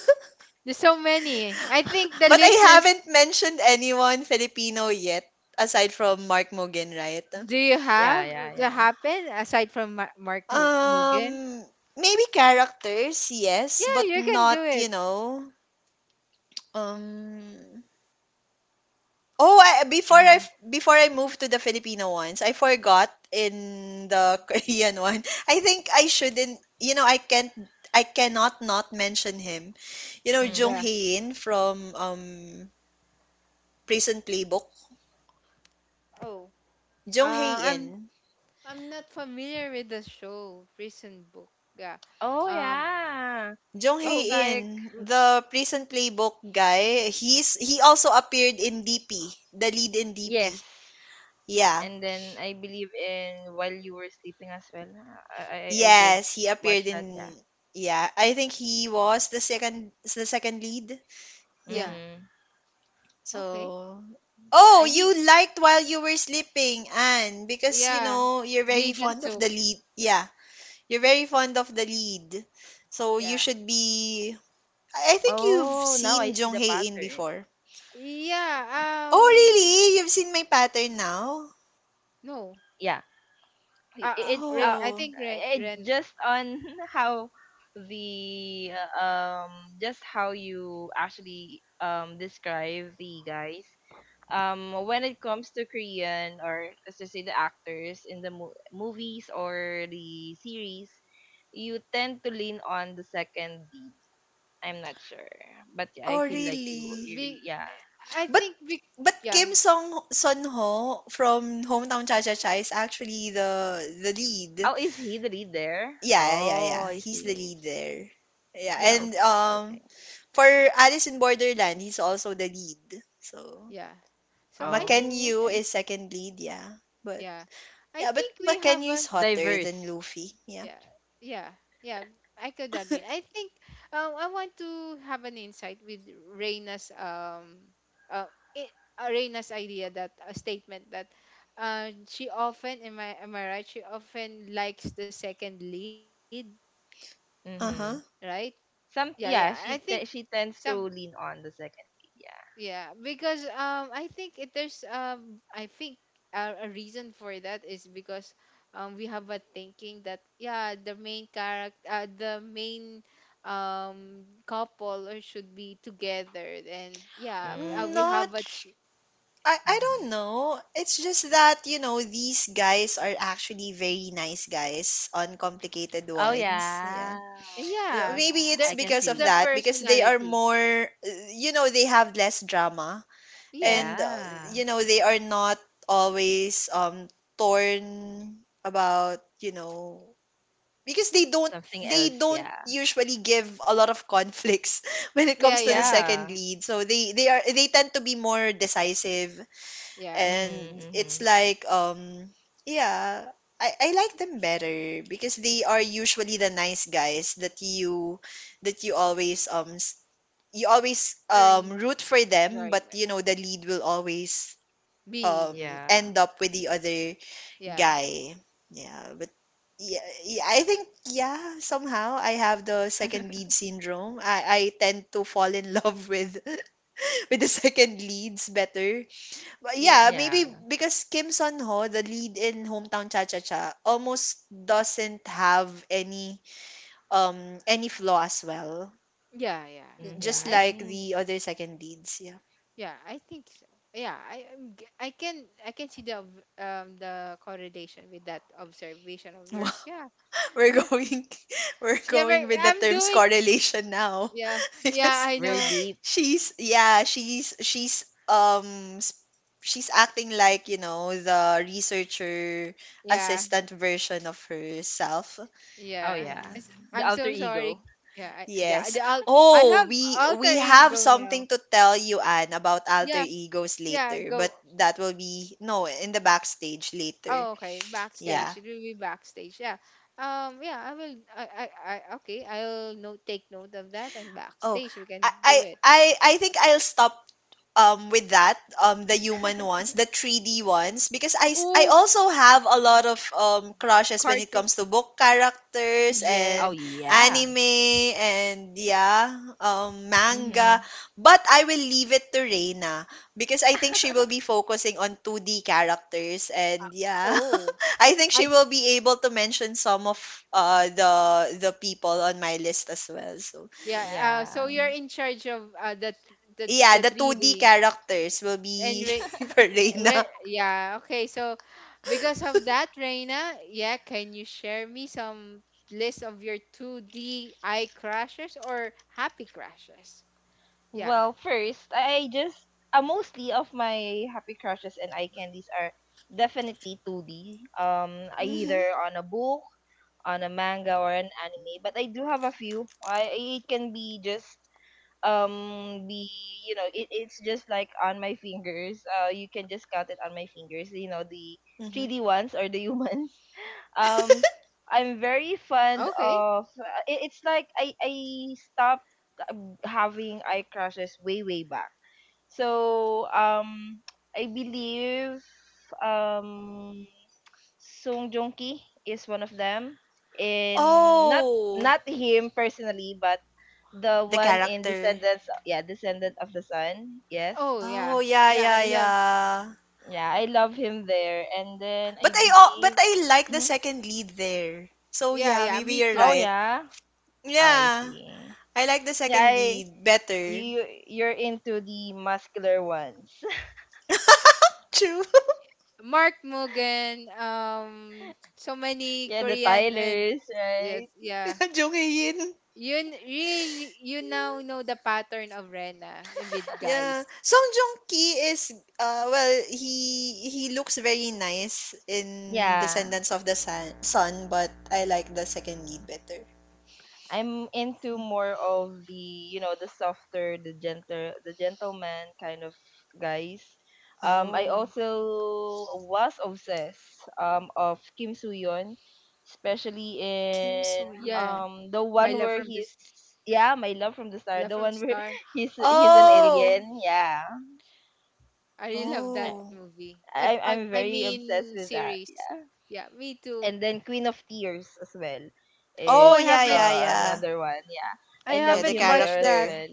A: There's so many. I think the
B: But
A: list
B: I
A: is
B: haven't mentioned anyone Filipino yet, aside from Mark Mogan, right?
A: do you
C: Yeah.
A: have
C: Yeah.
A: the
C: Yeah.
A: happen aside from Mugen?
B: Um, Maybe characters, yes,
A: Yeah,
B: but
A: you can
B: not,
A: do it.
B: um Oh, I, before I
C: Mm-hmm.
B: before I moved to the Filipino ones, I forgot in the Korean one. I think I shouldn't, I can't, I cannot not mention him. Jung
C: Mm-hmm.
A: Yeah.
B: Hae-in from Prison Playbook.
A: Oh.
B: Jung
A: Uh,
B: Hae-in.
A: I'm I'm not familiar with the show Prison Book. Yeah.
C: Oh
A: Um.
C: yeah.
B: Jung
A: Oh.
C: It's
A: y-
C: like
B: Hae-in,
A: r-
B: the Prison Playbook guy, he also appeared in DP, the lead in DP.
C: yes.
B: Yeah.
C: And then I believe in while you were sleeping as well. I did
B: Yes, he appeared
C: watch that. Yeah.
B: in, yeah, I think he was the second lead. Yeah.
A: Yeah.
C: Mm-hmm.
A: Okay.
B: So
A: Yeah.
B: Oh,
A: I need.
B: you liked While You Were Sleeping, Anne, because
A: Yeah.
B: you're very
A: Legion
B: fond of
A: Soap.
B: the lead. Yeah, you're very fond of the lead. So you
A: Yeah.
B: should be, I think you've
C: Oh, now I
B: seen
C: see
B: Jung
C: the
B: Hae In
C: pattern.
B: before. Oh,
A: Yeah.
B: really? You've seen my pattern now?
A: No.
C: Yeah. I-
A: Uh. Uh,
C: It's uh,
A: I
B: Oh.
A: think Ren.
C: it
A: Ren.
C: just on how the just how you actually describe the guys, when it comes to Korean, or let's just say the actors in the movies or the series, you tend to lean on the second lead. I'm not sure, but yeah, I
B: Oh,
C: feel like you,
B: really?
C: you
A: Be.
C: yeah.
A: I
B: But
A: think we.
B: but
A: Yeah.
B: Kim Song Son Ho from Hometown Cha Cha Cha is actually the lead.
C: Oh, is he the lead there?
B: Yeah, yeah, yeah,
C: Oh,
B: yeah.
C: I
B: He's the
C: see.
B: lead there. Yeah,
A: Yeah.
B: and
C: Okay, okay.
B: for Alice in Borderland, he's also the lead. So
A: Yeah. So I think.
B: Maken
C: Oh,
B: Yu
C: okay.
B: is second lead, yeah. But
A: Yeah. I
B: yeah, but
A: think we
B: Maken
A: have
B: Yu
A: a
B: is hotter than
C: Diverse.
B: Luffy. Yeah.
A: yeah, yeah, yeah, I could agree. I think I want to have an insight with Reina's uh, Reina's idea that a statement that, uh, she often, am I right, she often likes the second lead,
C: Mm-hmm.
B: Uh-huh.
A: right? Yeah,
C: Some
A: yeah,
C: yeah,
A: I think
C: she tends to
A: some
C: lean on the second lead. Yeah.
A: yeah, because I think it there's I think a reason for that is because, we have a thinking that yeah, the main character, the main couple or should be together, and yeah,
C: Mm,
A: we
B: Not,
A: have a
B: I
C: mm-hmm.
B: don't know. It's just that, these guys are actually very nice guys, uncomplicated
C: Oh
B: ones. Yeah.
C: yeah. Oh
A: yeah,
C: yeah.
B: Maybe
A: there
B: it's
C: I can
B: because
A: it's
C: feel
B: of
A: the
C: that.
B: that, because they are
A: personality.
B: more, they have less drama.
A: Yeah,
B: And,
C: Yeah.
B: they are not always torn about, because they don't
C: Something
B: they
C: else,
B: don't
C: yeah.
B: usually give a lot of conflicts when it
A: yeah,
B: comes to the
A: yeah,
B: second
C: Yeah.
B: lead. So they tend to be more decisive,
A: yeah.
C: Mhm,
B: and it's
C: mhm.
B: like, yeah, I like them better because they are usually the nice guys that you always
A: Turn
B: root for them,
A: right,
B: but
A: right,
B: the lead will always
A: be
B: um
C: Yeah.
B: end up with the other
A: yeah,
B: guy, yeah, but yeah, yeah, I think, yeah, somehow I have the second lead syndrome. I tend to fall in love with with the second leads better. But
A: yeah,
B: yeah,
C: Yeah.
B: maybe because Kim Sun Ho, the lead in Hometown Cha Cha Cha, almost doesn't have any any flaw as well.
A: yeah, yeah, yeah.
B: Just
A: I
B: like
C: Mhm.
B: the other second leads, yeah.
A: yeah, I think so. Yeah, I can see the the correlation with that observation of yours. Yeah,
B: We're
A: yeah,
B: going We're
A: yeah. But
B: going with the
A: I'm
B: terms
A: doing. S-
B: correlation now.
A: Yeah, yeah.
B: Because
A: I
C: Very
A: know.
C: deep.
B: she's yeah, she's s- she's acting like, the researcher
A: Yeah,
B: assistant version of herself.
C: Oh
A: yeah.
B: Yeah.
C: yeah.
A: It's-
C: The
A: I'm
C: alter
A: so
C: ego.
A: sorry. Yeah, yeah.
B: Yes.
A: The al- I
B: Oh,
A: have
B: we
A: alter
B: we have
A: ego now.
B: something to tell you, Anne, about alter
A: Yeah,
B: egos
A: yeah.
B: later, but
A: Go.
B: that will be no in the backstage later.
A: Oh, okay.
C: Yeah.
B: Yeah.
A: Backstage. It will be backstage. Yeah. Yeah. I will. I. I. I okay. I'll note. Take note of that, and
B: Oh,
A: backstage we
B: I
A: can
B: I
A: do it.
B: I think I'll stop with that, the human ones, the 3D ones, because I
A: Ooh
B: also have a lot of crushes when it
A: karting.
B: comes to book characters
C: Oh
A: Yes.
B: and
C: yeah.
B: anime and yeah, manga,
C: Mhm.
B: but I will leave it to Reina because I think she will be focusing on 2D characters and yeah
A: Oh,
B: I think
A: I
B: she will be able to mention some of uh the the people on my list as well. So
A: yeah. So
C: Yeah.
A: you're in charge of,
B: yeah,
A: the
B: the 2D
A: 3D
B: characters will
A: and
B: be for Reina.
A: re, yeah. Okay, so because of that, Reina, yeah, can you share me some list of your 2D eye crashes or happy crashes? Yeah.
C: Well, first, I just mostly of my happy crushes and eye candies are definitely 2D.
B: Mhm,
C: Either on a book, on a manga, or an anime. But I do have a few. I it can be just be you know it's just like on my fingers, you can just count it on my fingers, you know, the
B: mhm.
C: 3D ones or the humans. um I'm very fond
A: Okay.
C: of it's like I stopped having eye crashes way way back. so um I believe um Sung Joong Ki is one of them. In Not
B: Oh,
C: not him personally, but the
B: the
C: one in
B: character.
C: Descendants. Yeah, Descendant of the Sun. Yes.
A: Oh yeah.
B: Oh, yeah,
A: Yeah, I
B: yeah,
A: love.
B: yeah.
C: Yeah, I love him there, and then
B: But
C: I
B: I oh, but
C: believe.
B: I like the
C: Mhm.
B: second lead there. So
A: Yeah,
B: yeah,
A: yeah,
B: maybe
A: me
B: you're
C: Oh
A: too.
B: right.
C: yeah. Oh, I
B: Yeah,
C: see.
B: I like the
C: Yeah,
B: second
C: I,
B: lead better.
C: you you're into the muscular ones.
B: True.
A: Mark Mugen, so many
C: Yeah, the
A: Korean and
C: Tylers,
A: yes,
C: right?
A: yeah.
B: Jung Hae-in.
A: Yun, really you now know the pattern of Rena with
B: Yeah.
A: guys.
B: Song Joong-ki is well, he looks very nice in
C: Yeah.
B: Descendants of the Sun, Sun, but I like the second lead better.
C: I'm into more of the, you know, the softer, the gentle, the gentleman kind of guys. I
B: Oh,
C: also was obsessed of Kim Soo Hyun, especially
B: Kim
C: in
A: Yeah.
B: Soo-hyun.
C: the
A: My
C: one
A: Love
C: where
A: from the
C: he's
A: S-
C: Yeah, My Love from the Star,
A: Love
C: the
A: from the
C: one where
A: Star.
C: he's an
B: Oh!
C: alien, yeah.
A: I really love that
C: I,
B: Oh.
A: movie.
C: I'm
A: I
C: very obsessed
A: mean
C: with that,
A: series.
C: yeah,
A: Yeah, me too.
C: and then Queen of Tears as well
A: Oh,
B: Oh,
A: I
C: is
B: yeah,
A: haven't
B: yeah, yeah.
C: another one,
A: I
C: yeah. I
B: Yeah,
C: love
B: the
A: haven't
C: him there
A: watched
C: as
A: that.
B: character.
C: well.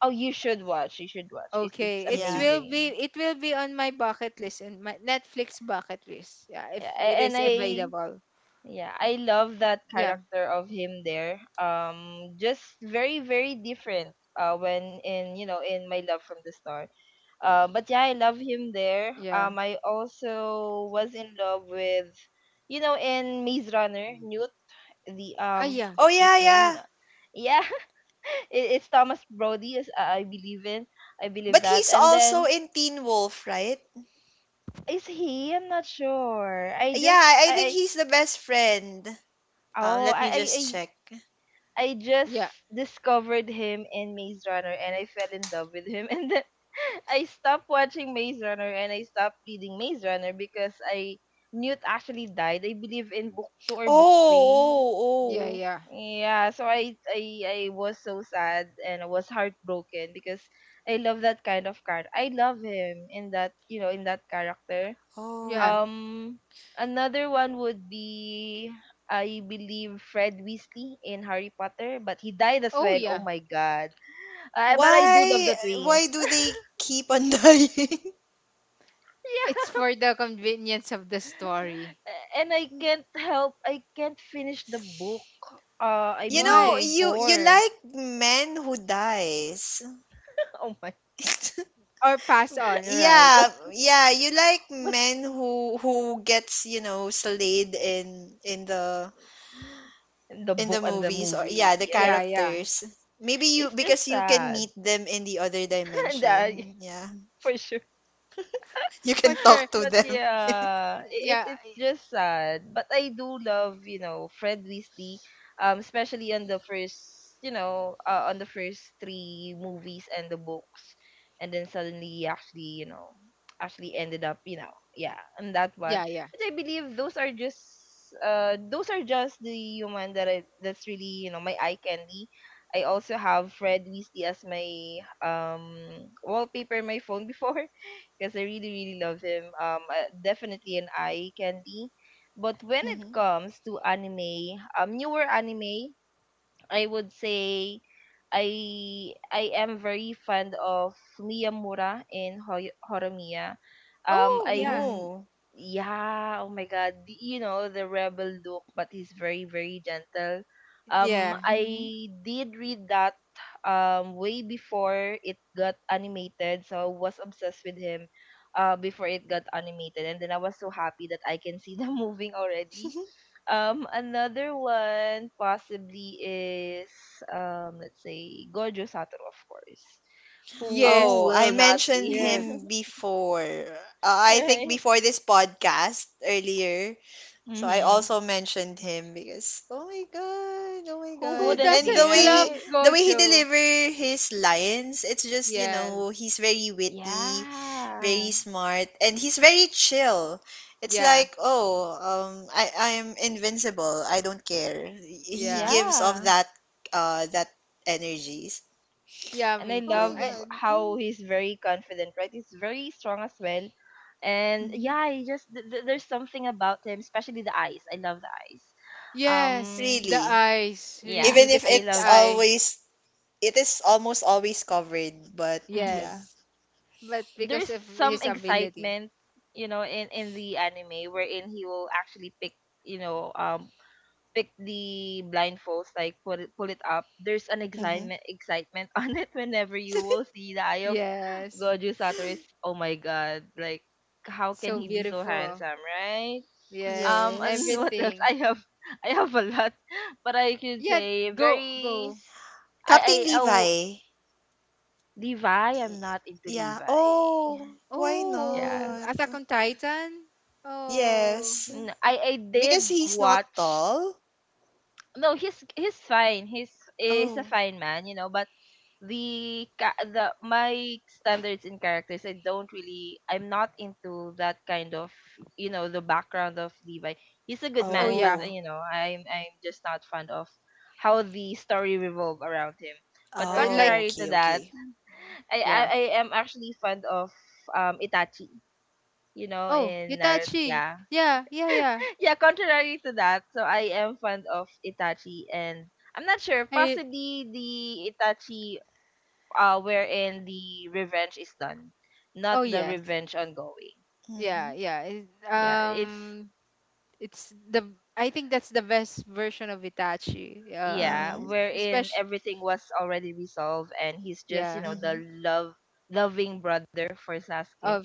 C: Oh, you should watch. You should watch. It's
A: Okay,
B: Yeah.
C: amazing.
A: it will be on my bucket list and my Netflix bucket list. Yeah, if
C: Yeah, a-
A: it
C: and
A: is
C: I
B: Hmm.
A: available.
C: yeah, I love that
A: Yeah,
C: character of him there. Just very very different. When in, you know, in My Love from the Star. But yeah, I love him there.
A: yeah.
C: I also was in love with, you know, in Maze Runner, Newt. The
A: Ah, yeah,
B: Oh,
C: what's
B: yeah,
C: his name?
B: yeah.
C: Yeah, it's Thomas Brody. Is I believe in. I believe
B: But
C: that.
B: he's
C: And
B: also
C: then
B: in Teen Wolf, right?
C: Is he? I'm not sure. I
B: Yeah,
C: just
B: I think
C: I-
B: he's the best friend.
C: oh
B: Let me just check.
C: I just
A: yeah,
C: discovered him in Maze Runner and I fell in love with him, and then I stopped watching Maze Runner and I stopped reading Maze Runner because I Newt actually died. I believe in book two
B: Oh,
C: or book three.
A: yeah,
B: oh, oh,
A: yeah,
C: Yeah, so I was so sad and I was heartbroken because I love that kind of character. I love him in that, you know, in that character.
A: yeah.
B: oh.
C: Um, another one would be, I believe, Fred Weasley in Harry Potter, but he died as
A: Oh,
C: well. Oh
A: yeah.
C: my God! But I do love
B: Why,
C: the
B: why
C: twins.
B: do they keep on dying?
A: It's
C: Yeah,
A: for the convenience of the story.
C: and I, can't help. I can't finish the book. I
B: You
C: believe
B: know,
C: book
A: Why?
B: you
C: four.
B: like men who dies.
C: Oh my,
A: Or pass on, right?
C: what
B: Yeah, yeah, you like
C: what's
B: men who gets, you know, slayed
C: the
B: in the
C: book and the
B: movies or
C: movie?
B: yeah, the
C: Yeah,
A: Yeah, yeah.
B: characters. Maybe you
C: it's just
B: because you can
C: sad.
B: meet them in the other
C: and I,
B: dimension. Yeah.
C: for sure.
B: You
A: For
B: can
A: sure.
B: talk to
C: But
B: them.
C: yeah,
A: Yeah,
C: it's just sad. But I do love, you know, Fred Weasley, especially on the first, you know, on the first three movies and the books, and then suddenly he actually, you know, actually ended up, you know, yeah, on that one.
A: yeah, yeah.
C: But I believe those are just the human that I that's really, you know, my eye candy. I also have Fred Weasley as my wallpaper in my phone before because I really, really love him. Definitely an eye candy. But when it
B: Hmm.
C: comes to anime, newer anime, I would say I am very fond of Miyamura in Horimiya. Um,
A: Oh,
C: I
A: yeah.
C: l-
B: Oh.
C: yeah, oh my God, you know, the rebel look, but he's very very gentle.
A: Yeah.
B: Hmm.
C: I did read that way before it got animated, so I was obsessed with him before it got animated, and then I was so happy that I can see the moving already. Another one possibly is let's say Gojo Satoru, of course, who
A: Yes.
B: Oh, I
C: will not be.
B: mentioned him
A: Yes.
B: before. I think
C: Right.
B: before this podcast earlier. So I
C: Mm-hmm.
B: also mentioned him because oh my god, oh my
C: Who
A: Who
B: god.
C: wouldn't
B: And
C: be,
A: doesn't love
C: right?
B: the way he
A: Gojo?
B: deliver his lines, it's just, you know,
A: Yes.
B: he's very witty,
C: Yeah,
B: very smart, and he's very chill. It's
A: Yeah.
B: like, oh, I'm invincible. I don't care. He
A: Yeah.
B: gives off
C: yeah.
B: that that energies.
A: Yeah,
C: And I
A: me
B: Oh
A: too.
B: my
C: love
B: god.
C: how he's very confident, right? He's very strong as well, and
B: Mm-hmm.
C: yeah, he just there's something about him, especially the eyes. I love the eyes.
A: Yes,
C: Um,
A: the
B: Really.
A: eyes,
C: yeah,
A: really.
B: Even
A: The
B: if
C: I
A: sixth
B: it's
C: love
A: eye.
B: always it is almost always covered, but
C: that.
B: yeah.
A: Yes. But because
C: There's
A: of
C: some
A: his ability.
C: excitement, you know, in the anime, wherein he will actually pick, you know, pick the blindfolds, like put it pull it up. There's an
B: Mhm.
C: excitement excitement on it whenever you will see the eye of
A: Yes.
C: Goju Satoru. Is oh my god, like how can
A: So
C: he be so
A: beautiful.
C: handsome, right?
A: Yes.
C: Um, and
B: Yes.
C: what else?
A: Everything.
C: I have a lot, but I could
A: Yeah,
C: say
A: go
C: very
A: go.
C: I I,
B: Captain
C: I w-
B: Levi.
C: Levi, I'm
B: Y-
C: not into
B: Yeah.
C: Levi.
B: Oh, why
C: Yeah.
A: Oh,
B: not?
A: Attack on Titan? Oh.
B: Yes.
C: I
B: Because
C: did
B: he's not
C: watch.
B: tall.
C: No, he's fine. He's a
B: Oh.
C: fine man, you know. But the ca- the my standards in characters, I don't really. I'm not into that kind of, you know, the background of Levi. He's a good
A: Oh
C: man, but
A: yeah.
B: Oh,
C: you know, I'm just not fond of how the story revolve around him. But
A: I like
B: oh,
C: contrary to
B: okay,
C: that,
B: okay.
A: yeah.
C: I am actually fond of Itachi. You know,
A: Oh,
C: in Naruto,
A: Hitachi.
C: yeah.
A: Yeah, yeah, yeah.
C: Yeah, contrary to that, so I am fond of Itachi, and I'm not sure,
A: I
C: possibly the Itachi wherein the revenge is done, not
A: oh
C: the
A: yes.
C: revenge ongoing.
A: Yeah,
B: Mhm.
A: yeah.
C: Yeah, it's
A: It's the I think that's the best version of Itachi.
C: yeah,
B: Mhm.
C: wherein
A: Especially
C: everything was already resolved and he's just, you
A: yeah,
C: know, the
B: Mhm.
C: love loving brother for Sasuke.
A: of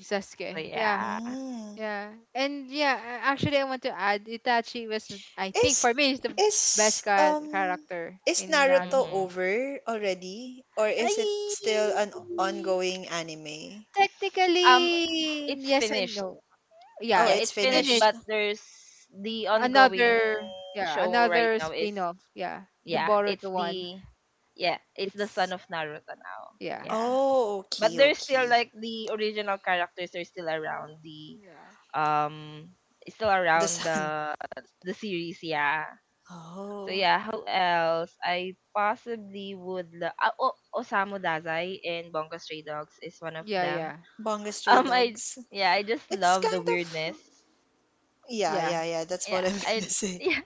C: So
A: Sasuke. Yeah.
C: yeah.
B: Mm.
A: Yeah. And yeah, actually I want to add Itachi was I think
B: Is
A: for me is the
B: is um
A: character
B: is
A: in
B: Naruto
A: Naruto.
C: Mhm.
B: over already or is it still
A: Ay!
B: an ongoing anime?
C: Um
A: Technically,
C: it's
A: yes and
C: finished.
A: no.
B: Oh,
A: Yeah,
C: Yeah,
B: it's
A: it's
C: it's finished,
A: finished.
B: finished.
C: but there's the ongoing
A: Another, yeah,
C: show right
A: another
C: now is.
A: spin-off. Yeah, the
C: Yeah, it's
A: Boruto one.
C: the. Yeah, it's the son
A: It's
C: of Naruto now.
A: yeah,
C: Yeah.
B: Oh,
C: But
B: okay,
C: there's still
B: okay.
C: like the original characters are still around the
A: yeah,
C: um still
B: The
C: around
B: sun.
C: the the series, yeah. So
B: Oh.
C: yeah, who else? I possibly would lo- Oh, Osamu Dazai in Bungo Stray Dogs is one of
A: yeah,
C: them.
A: yeah,
B: Bunga Stray
C: I
B: Dogs.
C: Yeah, I just
B: It's
C: love the
B: kind of
C: weirdness.
B: yeah,
A: yeah.
B: yeah, yeah, that's what
C: Yeah,
B: I'm gonna
C: I,
B: say.
C: yeah,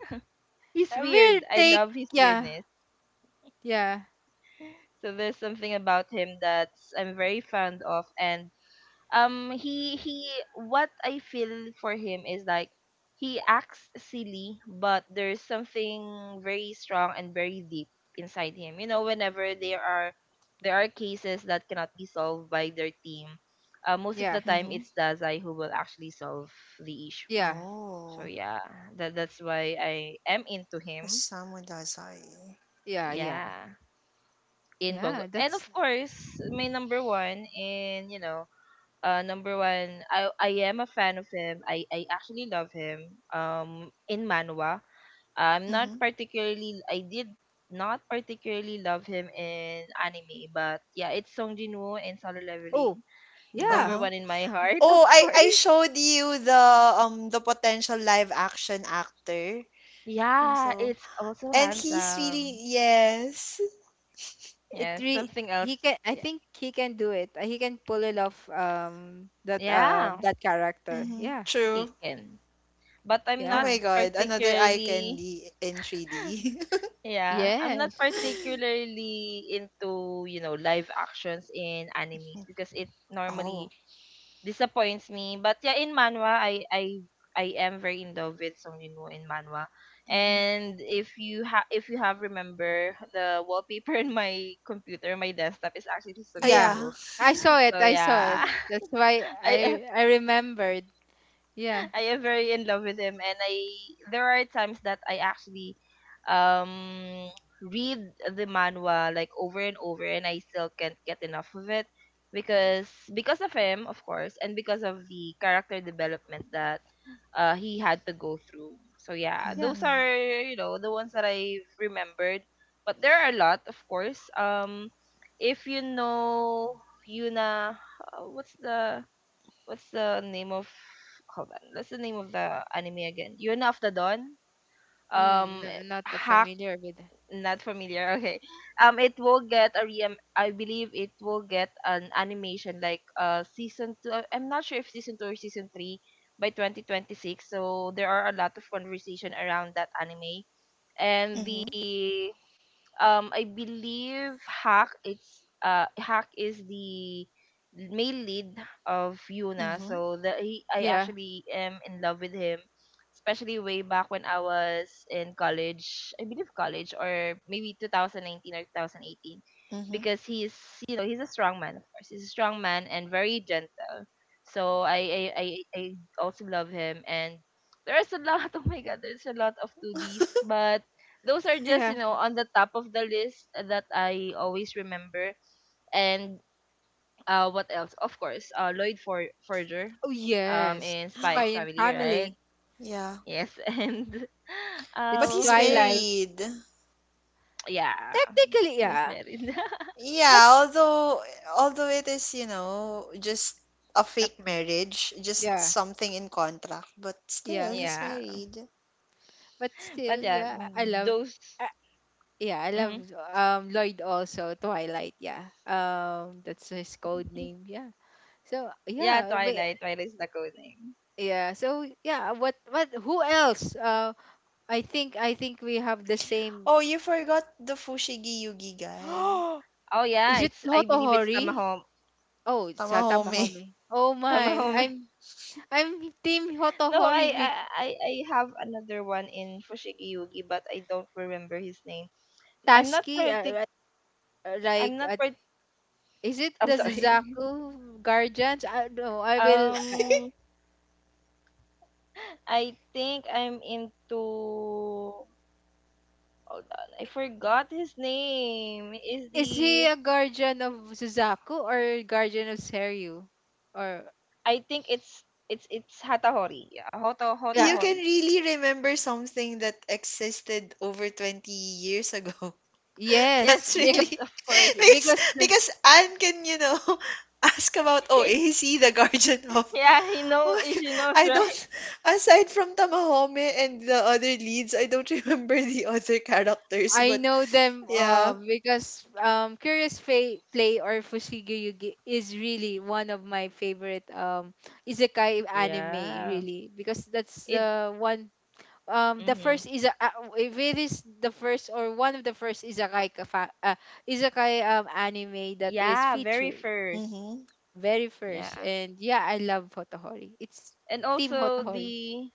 C: he's
A: A real
C: weird. I
A: take.
C: love his
A: Yeah,
C: weirdness.
A: yeah,
C: So there's something about him that's I'm very fond of, and he what I feel for him is like he acts silly, but there's something very strong and very deep inside him. You know, whenever there are cases that cannot be solved by their team, most of
A: yeah,
C: the time
B: Mhm.
C: it's Dazai who will actually solve the issue.
A: yeah,
C: So
B: Oh,
C: yeah, that's why I am into him.
B: Osamu Dazai.
A: yeah, yeah,
C: Yeah, in Bongo.
A: yeah.
C: And of
A: That's
C: course, my number one, and you know, number one, I am a fan of him. I actually love him. Um, in Manwa. I'm not
B: Mhm.
C: particularly I did not particularly love him in anime, but yeah, it's Song Jinwoo and Solo Leveling.
A: oh yeah.
C: Number
B: Uh-huh.
C: one in my heart, of
B: Oh, I
C: course.
B: showed you the the potential live action actor.
C: Yeah,
B: So,
C: it's also
B: and he's
C: handsome.
B: really yes.
A: It
C: Yeah,
A: re
C: something else.
A: he can. I
C: Yeah,
A: think he can do it. He can pull it off.
C: yeah,
A: That character.
B: Mhm.
A: Yeah,
C: he
B: True.
C: can. But I'm
B: Oh
C: not
B: my
A: yeah.
B: God, another eye
C: particularly.
B: candy in 3D.
C: Yeah, I'm not
A: Yes.
C: particularly into, you know, live actions in animes because it
B: Oh.
C: normally disappoints me. But yeah, in manhwa, I am very in love with Song Yunwoo in manhwa.
B: Mhm.
C: And if you have remember the wallpaper in my computer, my desktop is actually
B: Oh
C: Song
A: Yeah.
B: yeah.
C: Yunwoo.
A: I saw it.
C: So
A: I saw it.
C: yeah,
A: That's why
C: I
A: I remembered. Yeah.
C: I am very in love with him, and I there are times that I actually um read the manhwa like over and over, and I still can't get enough of it because of him, of course, and because of the character development that he had to go through. So yeah,
A: Yeah.
C: those
B: Mm.
C: are, you know, the ones that I've remembered, but there are a lot, of course. If you know Yuna, what's the name of, hold on, what's the name of the anime again? Yuna of the Dawn,
A: Mm,
C: um,
A: no, not that
C: hack,
A: familiar with it.
C: not familiar. Okay, um, it will get a re I believe it will get an animation like season two, I'm not sure if season two or season three, by 2026, so there are a lot of conversation around that anime. And
B: Mhm.
C: the, um, I believe Hack, it's Hack is the male lead of Yuna,
B: Mhm.
C: so the he, I
A: Yeah.
C: actually am in love with him, especially way back when I was in college, I believe college, or maybe 2019 or 2018,
B: Mhm.
C: because he's, you know, he's a strong man, of course, he's a strong man and very gentle. So I also love him. And there's a lot, oh my god, there's a lot of 2Ds, but those are just, you
A: Yeah.
C: know, on the top of the list that I always remember. And what else? Of course, Lloyd For- Forger,
A: Oh yes.
C: in Spy
A: Spy
C: X
A: and
C: Family, right?
A: Family.
B: Yeah,
C: Yes, and
B: but
A: It's
B: he's
C: who
A: Twilight.
C: else?
B: married.
C: Yeah,
A: Technically,
C: he's
A: yeah.
C: married.
A: But
B: Yeah, although although it is, you know, just a
A: uh,
B: fake marriage, just
A: yeah,
B: something in contract, but still
A: yeah.
B: he's
C: Yeah,
B: married.
A: But
C: but
A: still,
C: yeah,
A: yeah. I love.
C: those.
A: Uh, yeah, I love
C: Mhm.
A: Lloyd also Twilight. Yeah. That's his code name. Yeah. So
C: Yeah,
A: yeah,
C: Twilight.
A: may-
C: Twilight is the code name.
A: yeah. So yeah. What what? Who else? I think we have the same.
B: Oh, you forgot the Fushigi Yugi guy.
C: Oh yeah,
A: Is it
C: it's, I believe it's
A: Hotohori?
C: Tamahome.
A: Oh, it's Sata
B: Tamahome.
A: Mahome. Oh my,
C: Tamahome.
A: I'm team
C: No,
A: Hotohori with
C: I have another one in Fushigi Yugi, but I don't remember his name. I'm not
A: Taski.
C: partic.
A: Uh,
C: I'm
A: like, uh,
C: not part.
A: is it
C: I'm
A: the
C: sorry.
A: Suzaku guardians? I no, I will.
C: Um, I think I'm into. Hold on, I forgot his name. Is
A: Is
C: the,
A: he a guardian of Suzaku or guardian of Seryu? Or
C: I think it's it's Hatahori. Yeah,
A: yeah,
B: You can
C: Hotohori.
B: really remember something that existed over 20 years ago.
C: Yes,
A: yes,
B: That's
A: because
C: yes,
B: really
C: of course.
A: because the,
B: because Anne can, you know, ask about oh OAC, the guardian of
C: Yeah, he
B: Oh
C: know,
B: my God.
C: she knows,
B: I
C: right?
B: don't, aside from Tamahome and the other leads, I don't remember the other characters,
A: I
B: but
A: know them,
B: yeah.
A: because, Curious Play or Fushigi Yugi is really one of my favorite isekai anime,
C: Yeah.
A: really. Because that's
C: It.
A: the one, the
C: Mm-hmm.
A: first is, if it is the first or one of the first isekai, isekai anime that is
C: Yeah, very
A: featured.
C: first.
B: Mm-hmm.
A: Very first.
C: Yeah.
A: And yeah, I love Hotohori. It's
C: And
A: Team
C: also
A: Hotohori.
C: the,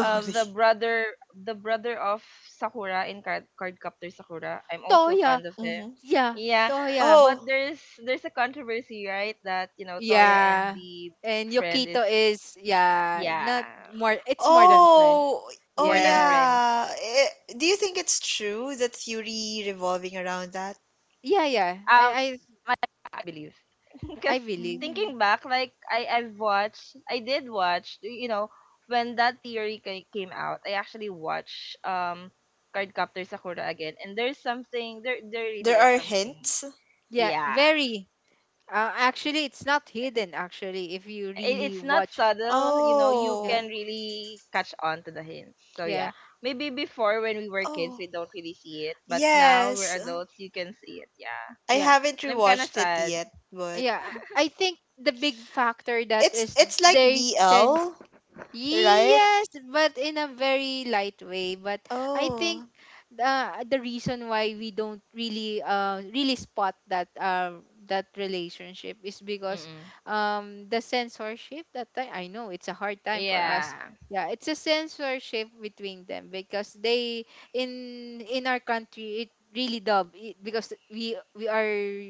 C: the brother, the brother of Sakura in Cardcaptor Sakura. I'm also
A: Toya!
C: fond of
B: Mm-hmm.
C: him.
A: Yeah,
C: Yeah,
A: Toya.
C: but
B: Oh,
C: there's a controversy, right? That, you know, Toya and
A: Yeah.
C: the
A: And
C: friend is,
A: Yokito is yeah,
C: yeah,
A: not more it's more than friend.
B: oh, oh
C: more than
A: Yes.
C: friends.
B: yeah. Eh, do you think it's true that theory revolving around that?
A: Yeah, yeah.
C: Um, I believe.
A: I
C: Because
A: believe.
B: Mm.
C: thinking back, like I've watched, I did watch, you know, when that theory came out, I actually watched, um, Cardcaptor Sakura again, and there's something there. There
B: There
C: really is
B: are
C: something.
B: hints?
A: Yeah,
C: Yeah,
A: very. Actually it's not hidden actually if you really
C: it's not
A: watch.
C: subtle. You know, you
A: Yeah.
B: Oh,
C: can really catch on to the hints. So
A: Yeah.
C: yeah, maybe before, when we were kids,
B: oh,
C: we don't really see it, but now we're
B: yes.
C: adults, you can see it. Yeah,
B: I
A: Yeah.
B: haven't
C: and I'm kind of
B: rewatched it
C: sad.
B: yet, but
A: Yeah, I think the big factor that is
B: it's like
A: they sense
B: BL, right?
A: yes, but in a very light way. But I think,
B: Oh,
A: the reason why we don't really really spot that that relationship is because
C: Mm-mm.
A: the censorship that time. I know it's a hard time for us.
C: Yeah,
A: Yeah, it's a censorship between them, because they in our country it really dub it, because we are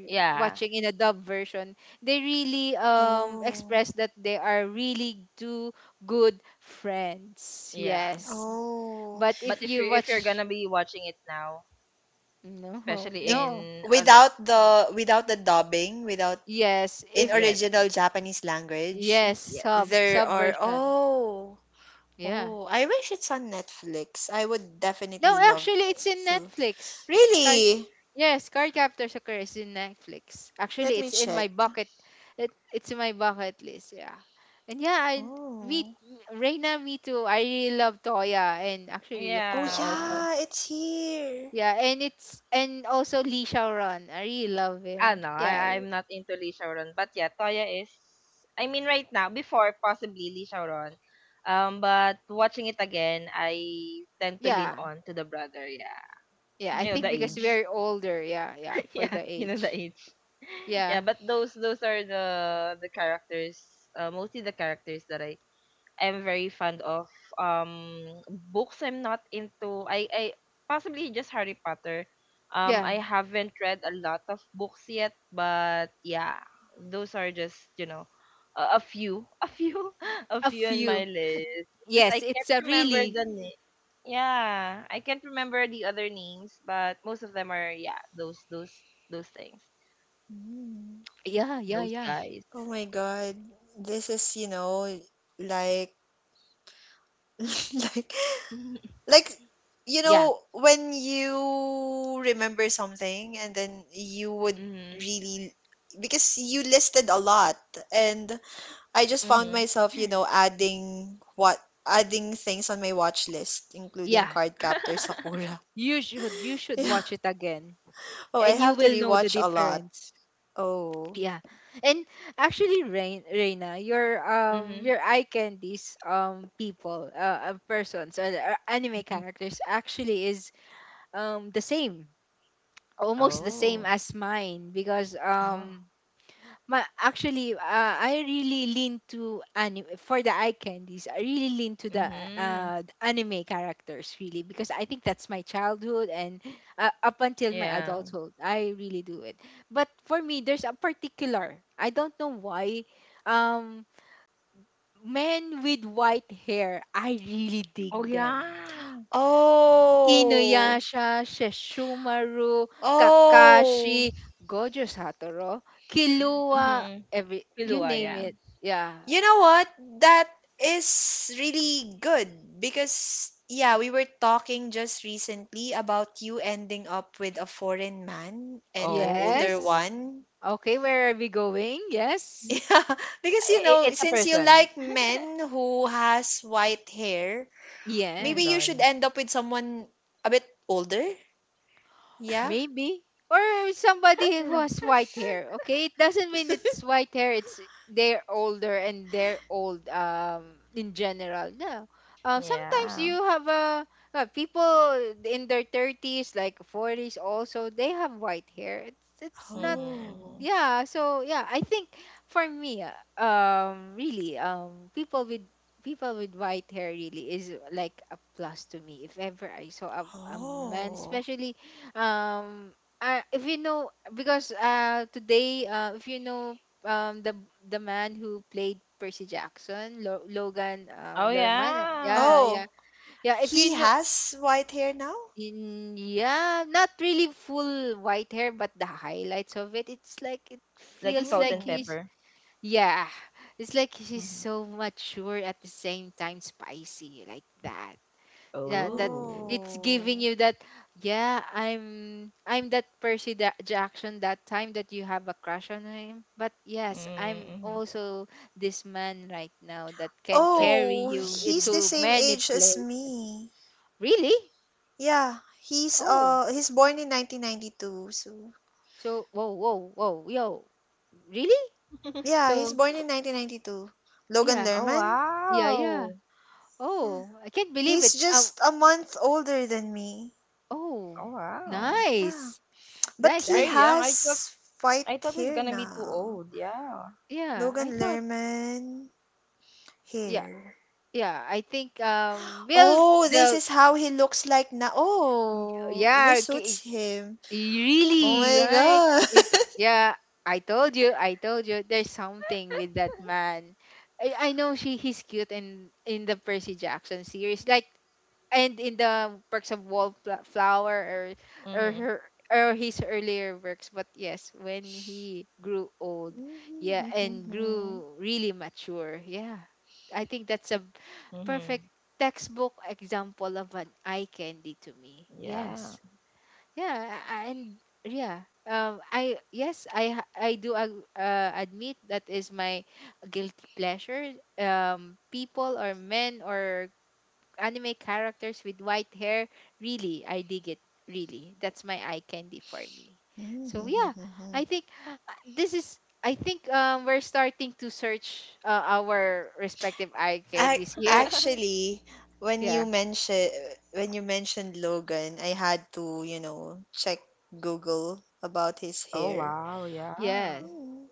C: yeah,
A: watching in a dub version. They really
B: oh,
A: express that they are really two good friends.
C: yeah.
A: Yes,
B: oh.
A: but
C: But
A: if you
C: if you're
A: watch
C: gonna be watching it now,
A: no
C: especially
B: In,
A: no
C: in other,
B: without the without the dubbing, without
A: yes
B: in
A: if
C: yes,
B: original Japanese language,
A: yes
C: yes.
B: there
A: sub
B: are
A: version
B: oh,
A: yeah
B: oh. I wish it's on Netflix. I would
A: no
B: definitely love
A: actually it's in
B: to.
A: Netflix.
B: Really?
A: Yes, Cardcaptor Sakura is in Netflix.
B: Let
A: Actually,
B: me
A: it's in
B: check.
A: my bucket. It's in my bucket list. Yeah, and yeah, I me
B: Oh.
A: Reina, me too. I really love Toya, and actually
B: Oh
A: Yukito
C: Yeah.
A: also.
B: yeah, it's here.
A: Yeah, and it's and also Lee Ron. I really love
C: Ah,
A: him.
C: no,
A: Yeah,
C: I'm not into Lee Shaoran. But yeah, Toya is, I mean, right now, before possibly Lee Shaoran. Um, but watching it again, I tend to lean
A: yeah,
C: on to the brother, yeah.
A: yeah. I
C: You know, the
A: think because
B: Mm,
C: age.
A: we're older. Yeah, yeah, for
C: Yeah,
A: the
C: you know the
A: age.
C: age. Yeah,
A: Yeah,
C: but those are the characters, mostly the characters that I'm very fond of. Um, books. I'm not into I possibly just Harry Potter. Um,
A: yeah.
C: I haven't read a lot of books yet, but yeah, those are just, you know, a few, a
A: A
C: few on my
A: few.
C: list because
A: Yes,
C: I
A: it's
C: can't
A: a
C: remember
A: really.
C: the name. Yeah, I can't remember the other names, but most of them are, yeah, those those things.
B: mm.
A: Yeah, yeah,
C: Those
A: yeah,
C: guys.
B: Oh my God. This is, you know, like like Like, you
A: yeah,
B: know, when you remember something and then you would
C: Mhm. Mhm.
B: really, because you listed a lot, and I just found myself, you know, adding things on my watch list, including
A: yeah.
B: Card Captor Sakura.
A: You should
B: Yeah.
A: watch it again.
B: Oh, I
A: And you
B: have to
A: will know the
B: rewatch a lot.
A: difference.
B: Oh.
A: Yeah. And actually Rain Reina,
C: Mhm.
A: your eye candies people persons or, anime
C: Mhm. Mhm.
A: characters actually is the same. Almost the same
C: Oh.
A: as mine because
B: Oh.
A: Ma actually, I really lean to anime for the eye candies. I really lean to
C: Mhm.
A: the anime characters really because I think that's my childhood, and up until my
C: Yeah.
A: adulthood, I really do it. But for me, there's a particular. I don't know why. Um, men with white hair, I really
C: Oh,
A: dig them.
C: yeah.
B: Oh.
A: Inuyasha, Sesshomaru, Kakashi, Gojo Satoru, Killua,
C: Mhm.
A: every you
C: Pilua,
B: Oh.
A: name
C: yeah.
A: it. Yeah.
B: You know what? That is really good because, yeah, we were talking just recently about you ending up with a foreign man and an older
A: Yes.
C: Oh.
B: one.
A: Okay, where are we going? Yes.
B: Yeah, because you know,
C: It's a
B: since you
C: person.
B: like men who has white hair, maybe you
A: Yes.
B: should
C: Blondes.
B: end up with someone a bit older. Yeah.
A: Maybe, or somebody who
B: Yeah.
A: has white hair. Okay, it doesn't mean it's white hair, it's they're older and they're old, in general. No, sometimes
C: Yeah.
A: you have people in their 30s, like 40s, also they have white hair. It's not.
C: Mhm.
B: Oh.
C: Mhm.
A: Yeah, so yeah, I think for me, really, people with white hair really is, like a plus to me if ever I saw a man,
B: Oh.
A: especially, um if you know, because today, if you know, um the the man who played Percy Jackson, Logan
C: Oh,
A: Lerman, uh,
C: yeah.
A: yeah yeah
B: Oh.
A: yeah if you
B: He
A: know.
B: has white hair now?
A: In Yeah, not really full white hair, but the highlights of it, it's like it
C: Like
A: feels
C: salt
A: like
C: and
B: Oh.
A: he's,
C: pepper.
A: yeah, it's like he's
C: Mhm.
A: so mature at the same time spicy like that. Yeah, that
C: Oh.
A: it's giving
B: Oh.
A: you that, yeah. I'm that Jackson that time that you have a crush on him, but yes, I'm
C: Mm-hmm.
A: also this man right now that can
C: Like.
A: carry
B: Oh,
A: you
B: he's
C: Mhm.
B: the
A: to
B: same
A: many
B: age as
A: places.
B: me.
A: Really?
B: Yeah, he's
A: Oh.
B: uh he's born in 1992. So,
A: So, whoa, whoa, whoa, yo, really?
B: yeah, he's
A: So,
B: born in 1992. Logan
A: yeah,
C: Oh
B: Lerman?
A: yeah, yeah.
C: wow.
B: Yeah.
A: Oh, I can't believe
B: He's
A: it.
B: just a month older than me.
A: Oh,
C: Oh wow.
B: Yeah.
A: nice,
B: But
A: nice.
B: he
A: I'm,
C: Very young.
B: has white
C: I thought he's
B: hair
C: gonna be too
B: now.
C: old. Yeah.
A: yeah,
B: Logan
A: I thought,
B: Lerman
A: yeah,
B: hair.
A: yeah. I think, well,
B: Oh, this
A: the,
B: is how he looks like now. Oh, this
A: yeah,
B: suits him. Oh
C: Mhm.
A: really,
B: my
A: right?
B: god.
A: It, yeah. I told you, I told you. There's something with that man. I know he's cute in the Percy Jackson series. Like, and in the works of Wallflower, or
C: Mhm.
A: her, or his earlier works. But yes, when he grew old, yeah, and grew really mature, yeah, I think that's a perfect
C: Mhm.
A: textbook example of an eye candy to me,
C: Yeah.
A: yes. Yeah, and yeah, I yes, I do admit that is my guilty pleasure, people or men or anime characters with white hair. Really, I dig it. Really, that's my eye candy for me. So yeah, I think, this is. I think, we're starting to search, our respective eye
B: Ac
A: candies here.
B: Actually, when you
A: Yeah.
B: mention when you mentioned Logan, I had to, you know, check Google about his
C: Oh
B: hair.
C: wow. Yeah.
A: Yes.
B: Mm,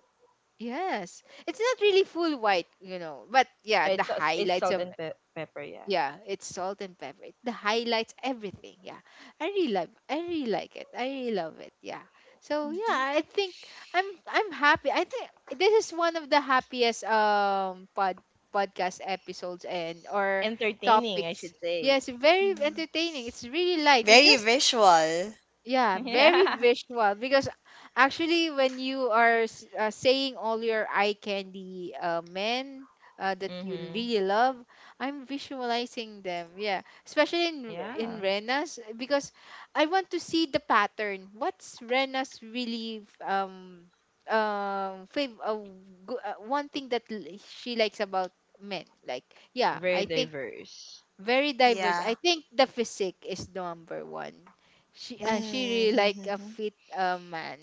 A: Yes. It's not really full white, you know, but yeah, the
C: It's
A: highlights
C: salt
A: of.
C: and pepper, yeah.
A: Yeah, it's salt and pepper. The highlights, everything. Yeah, I really love. I really like it. I really love it. Yeah. So
B: mhm,
A: yeah, I think I'm happy. I think this is one of the happiest podcast episodes, and or
C: Entertaining, I should
A: topics.
C: say.
A: Yes, very
B: yeah.
A: entertaining. It's really light. You
B: Very
A: just
B: visual.
A: yeah, very
C: Yeah.
A: visual because actually when you are saying all your eye candy men, that you
C: Mhm.
A: really love, I'm visualizing them. Yeah, especially in in
C: Yeah.
A: Rena's eh, because I want to see the pattern. What's Rena's really um fav- uh, one thing that she likes about men? Like yeah,
C: Very
A: I think
C: diverse.
A: very diverse.
B: Yeah.
A: I think the physique is number one. She, she really like
B: Mm-hmm.
A: a fit man.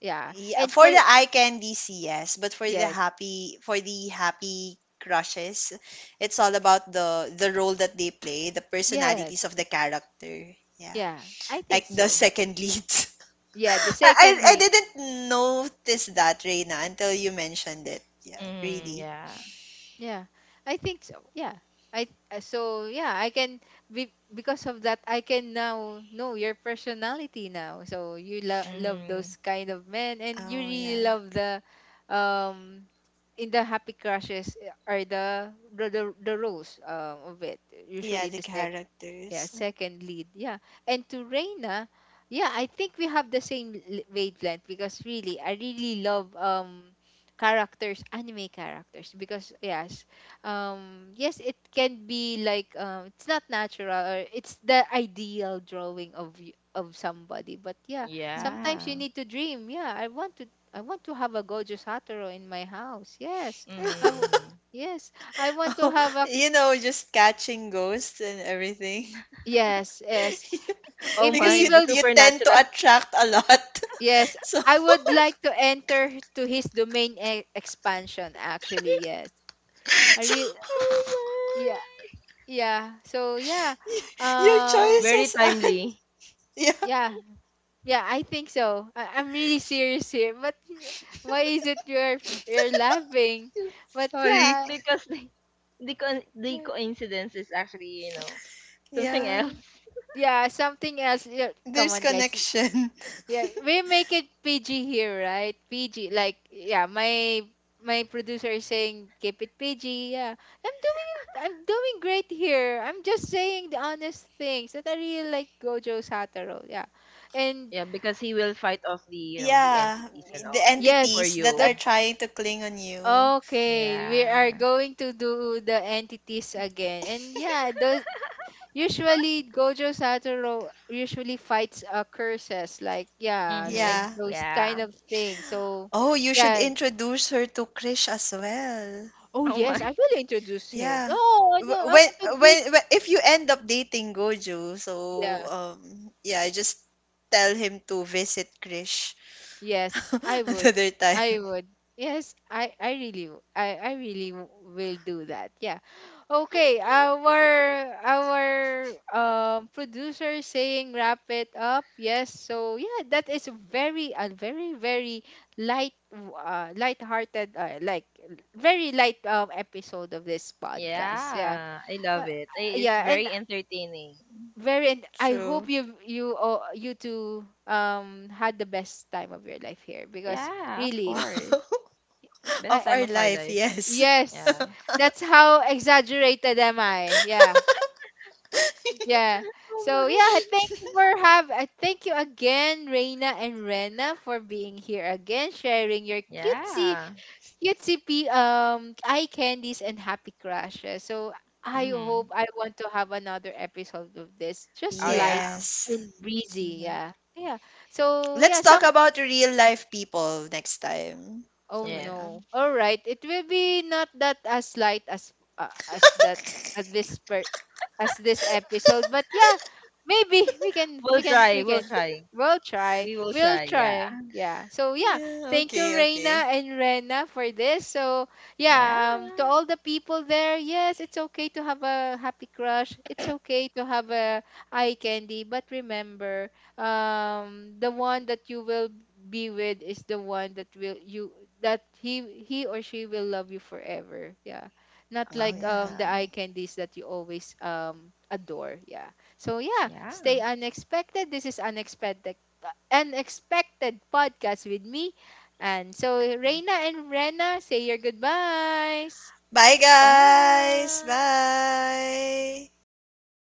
A: Yeah,
B: Yeah,
A: and
B: for
A: for
B: the eye candies, yes, but for the
A: yes,
B: happy crushes, it's all about the role that they play, the
A: yes,
B: personalities of the character. Yeah.
A: yeah, I think
B: Like the
A: so.
B: second lead.
A: Yeah, the
B: I I
A: secondly,
B: didn't notice that, Reina, until you mentioned it. Yeah,
C: Mhm.
B: really.
C: Yeah.
A: yeah, I think so. Yeah. I, so yeah, I can be because of that I can now know your personality now. So you love
C: Mhm.
A: those kind of men, and you
B: Oh
A: really
B: yeah.
A: love the, um in the happy crushes, are the roles, of it.
B: Yeah,
A: Usually
B: the
A: the sex, yeah,
B: characters.
A: second lead. Yeah. And to Reina, yeah, I think we have the same wavelength because really, I really love, characters, anime characters, because yes, yes, it can be like, it's not natural or it's the ideal drawing of of somebody. But yeah,
B: Hmm.
A: sometimes you
C: Yeah.
A: need to dream. Yeah, I want to have a Gojo Satoru in my house. Yes. I
C: Mhm.
A: w-
C: Mhm.
A: yes, I want to
B: Oh,
A: have a
B: you know, just catching ghosts and everything.
A: yes, yes,
C: Oh
A: if
B: Because
A: he
C: my,
B: you
C: the
A: will.
B: you tend to
C: supernatural.
B: attract a lot.
A: Yes,
B: So,
A: I would like to enter to his expansion actually, yes. Are you
C: oh
B: so
A: yeah,
C: my.
A: yeah. So yeah.
B: y- your
A: Um
C: Very
B: choices and
C: timely.
B: yeah,
A: yeah. Yeah, I think so. I'm really serious here. But why is it you're laughing? But
B: sorry.
A: yeah.
C: Because the the coincidence is actually, you know, something
B: Yeah.
C: else.
A: Yeah, something else. Yeah, come
B: There's
A: on, guys.
B: connection.
A: Yeah, we make it PG here, right? PG. Like, yeah, my producer is saying keep it PG. Yeah. I'm doing I'm doing great here. I'm just saying the honest things that I really like Gojo Satoru. Yeah. And
C: Yeah, because he will fight off, the you know, the
B: Yeah,
C: entities and
B: the
C: all for
A: yes,
B: entities that
A: that,
B: are
C: you.
B: trying to cling on you.
A: okay, we are
C: Yeah.
A: going to do the entities again. And yeah, those usually Gojo Satoru usually fights, curses, like yeah, like
C: Mhm.
B: Yeah.
A: those kind
C: Yeah.
A: of things. So
B: Oh, you should
A: yeah,
B: introduce her to Krish as well.
A: oh
C: Oh
A: yes, I
C: my.
A: will introduce him.
B: Yeah.
A: Oh, no, I know.
B: Wh-
A: I
B: When,
A: want to meet.
B: when, if you end up dating Gojo, so
A: Yeah.
B: yeah, just tell him to visit Krish
A: Yes, I would.
B: another
A: I
B: time.
A: would. Yes, I really w- I really will do that. Yeah. Okay, our, producer is saying wrap it up. Yes. So yeah, that is very a very very light light-hearted, like very light episode of this podcast. Yeah.
C: Yeah, I love
A: Uh,
C: it. It's
A: yeah, and
C: very entertaining.
A: very, and I hope
B: True.
A: you you all, you two, had the best time of your life here because
C: Yeah, of
A: really
B: Wow.
C: course.
A: I
C: Best
B: Of
C: time
B: our
C: of our
B: life,
C: life.
B: yes.
A: yes
C: Yeah.
A: that's how exaggerated am I, yeah. Yeah.
C: Oh
A: So yeah,
C: my.
A: thank you for have I thank you again, Reina and Rena, for being here again, sharing your cutesy
C: Yeah.
A: cutesy eye candies and happy crushes. So I hope
C: Mhm.
A: I want to have another episode of this, just
C: Oh
A: light
C: yeah.
B: Yes.
A: and breezy.
B: Mhm.
A: Yeah, yeah. So
B: Let's
A: yeah,
B: talk
A: some
B: about real life people next time.
A: oh
B: So,
C: Yes.
B: yeah.
A: no. All right. It will be not that as light as, as that as as this episode, but yeah, maybe we can
C: We'll
A: we can
C: try.
A: we
C: We'll
A: can.
C: try.
A: We'll try.
C: We will
A: We'll
C: try. Yeah.
A: try. Yeah. So yeah,
B: Yeah,
A: thank you
B: okay, okay.
A: Reina and Rena for this. So
C: Yeah.
A: yeah, to all the people there, yes, it's okay to have a happy crush. It's okay to have a eye candy, but remember, the one that you will be with is the one that will you that he or she will love you forever, yeah, not
C: Oh
A: like, the
C: yeah.
A: eye candies that you always, adore, yeah. So yeah,
C: Yeah.
A: stay unexpected. This is Unexpected Podcast with me, and so Reina and Rena, say your goodbyes.
B: Bye, guys.
C: Bye.
B: Bye. Bye.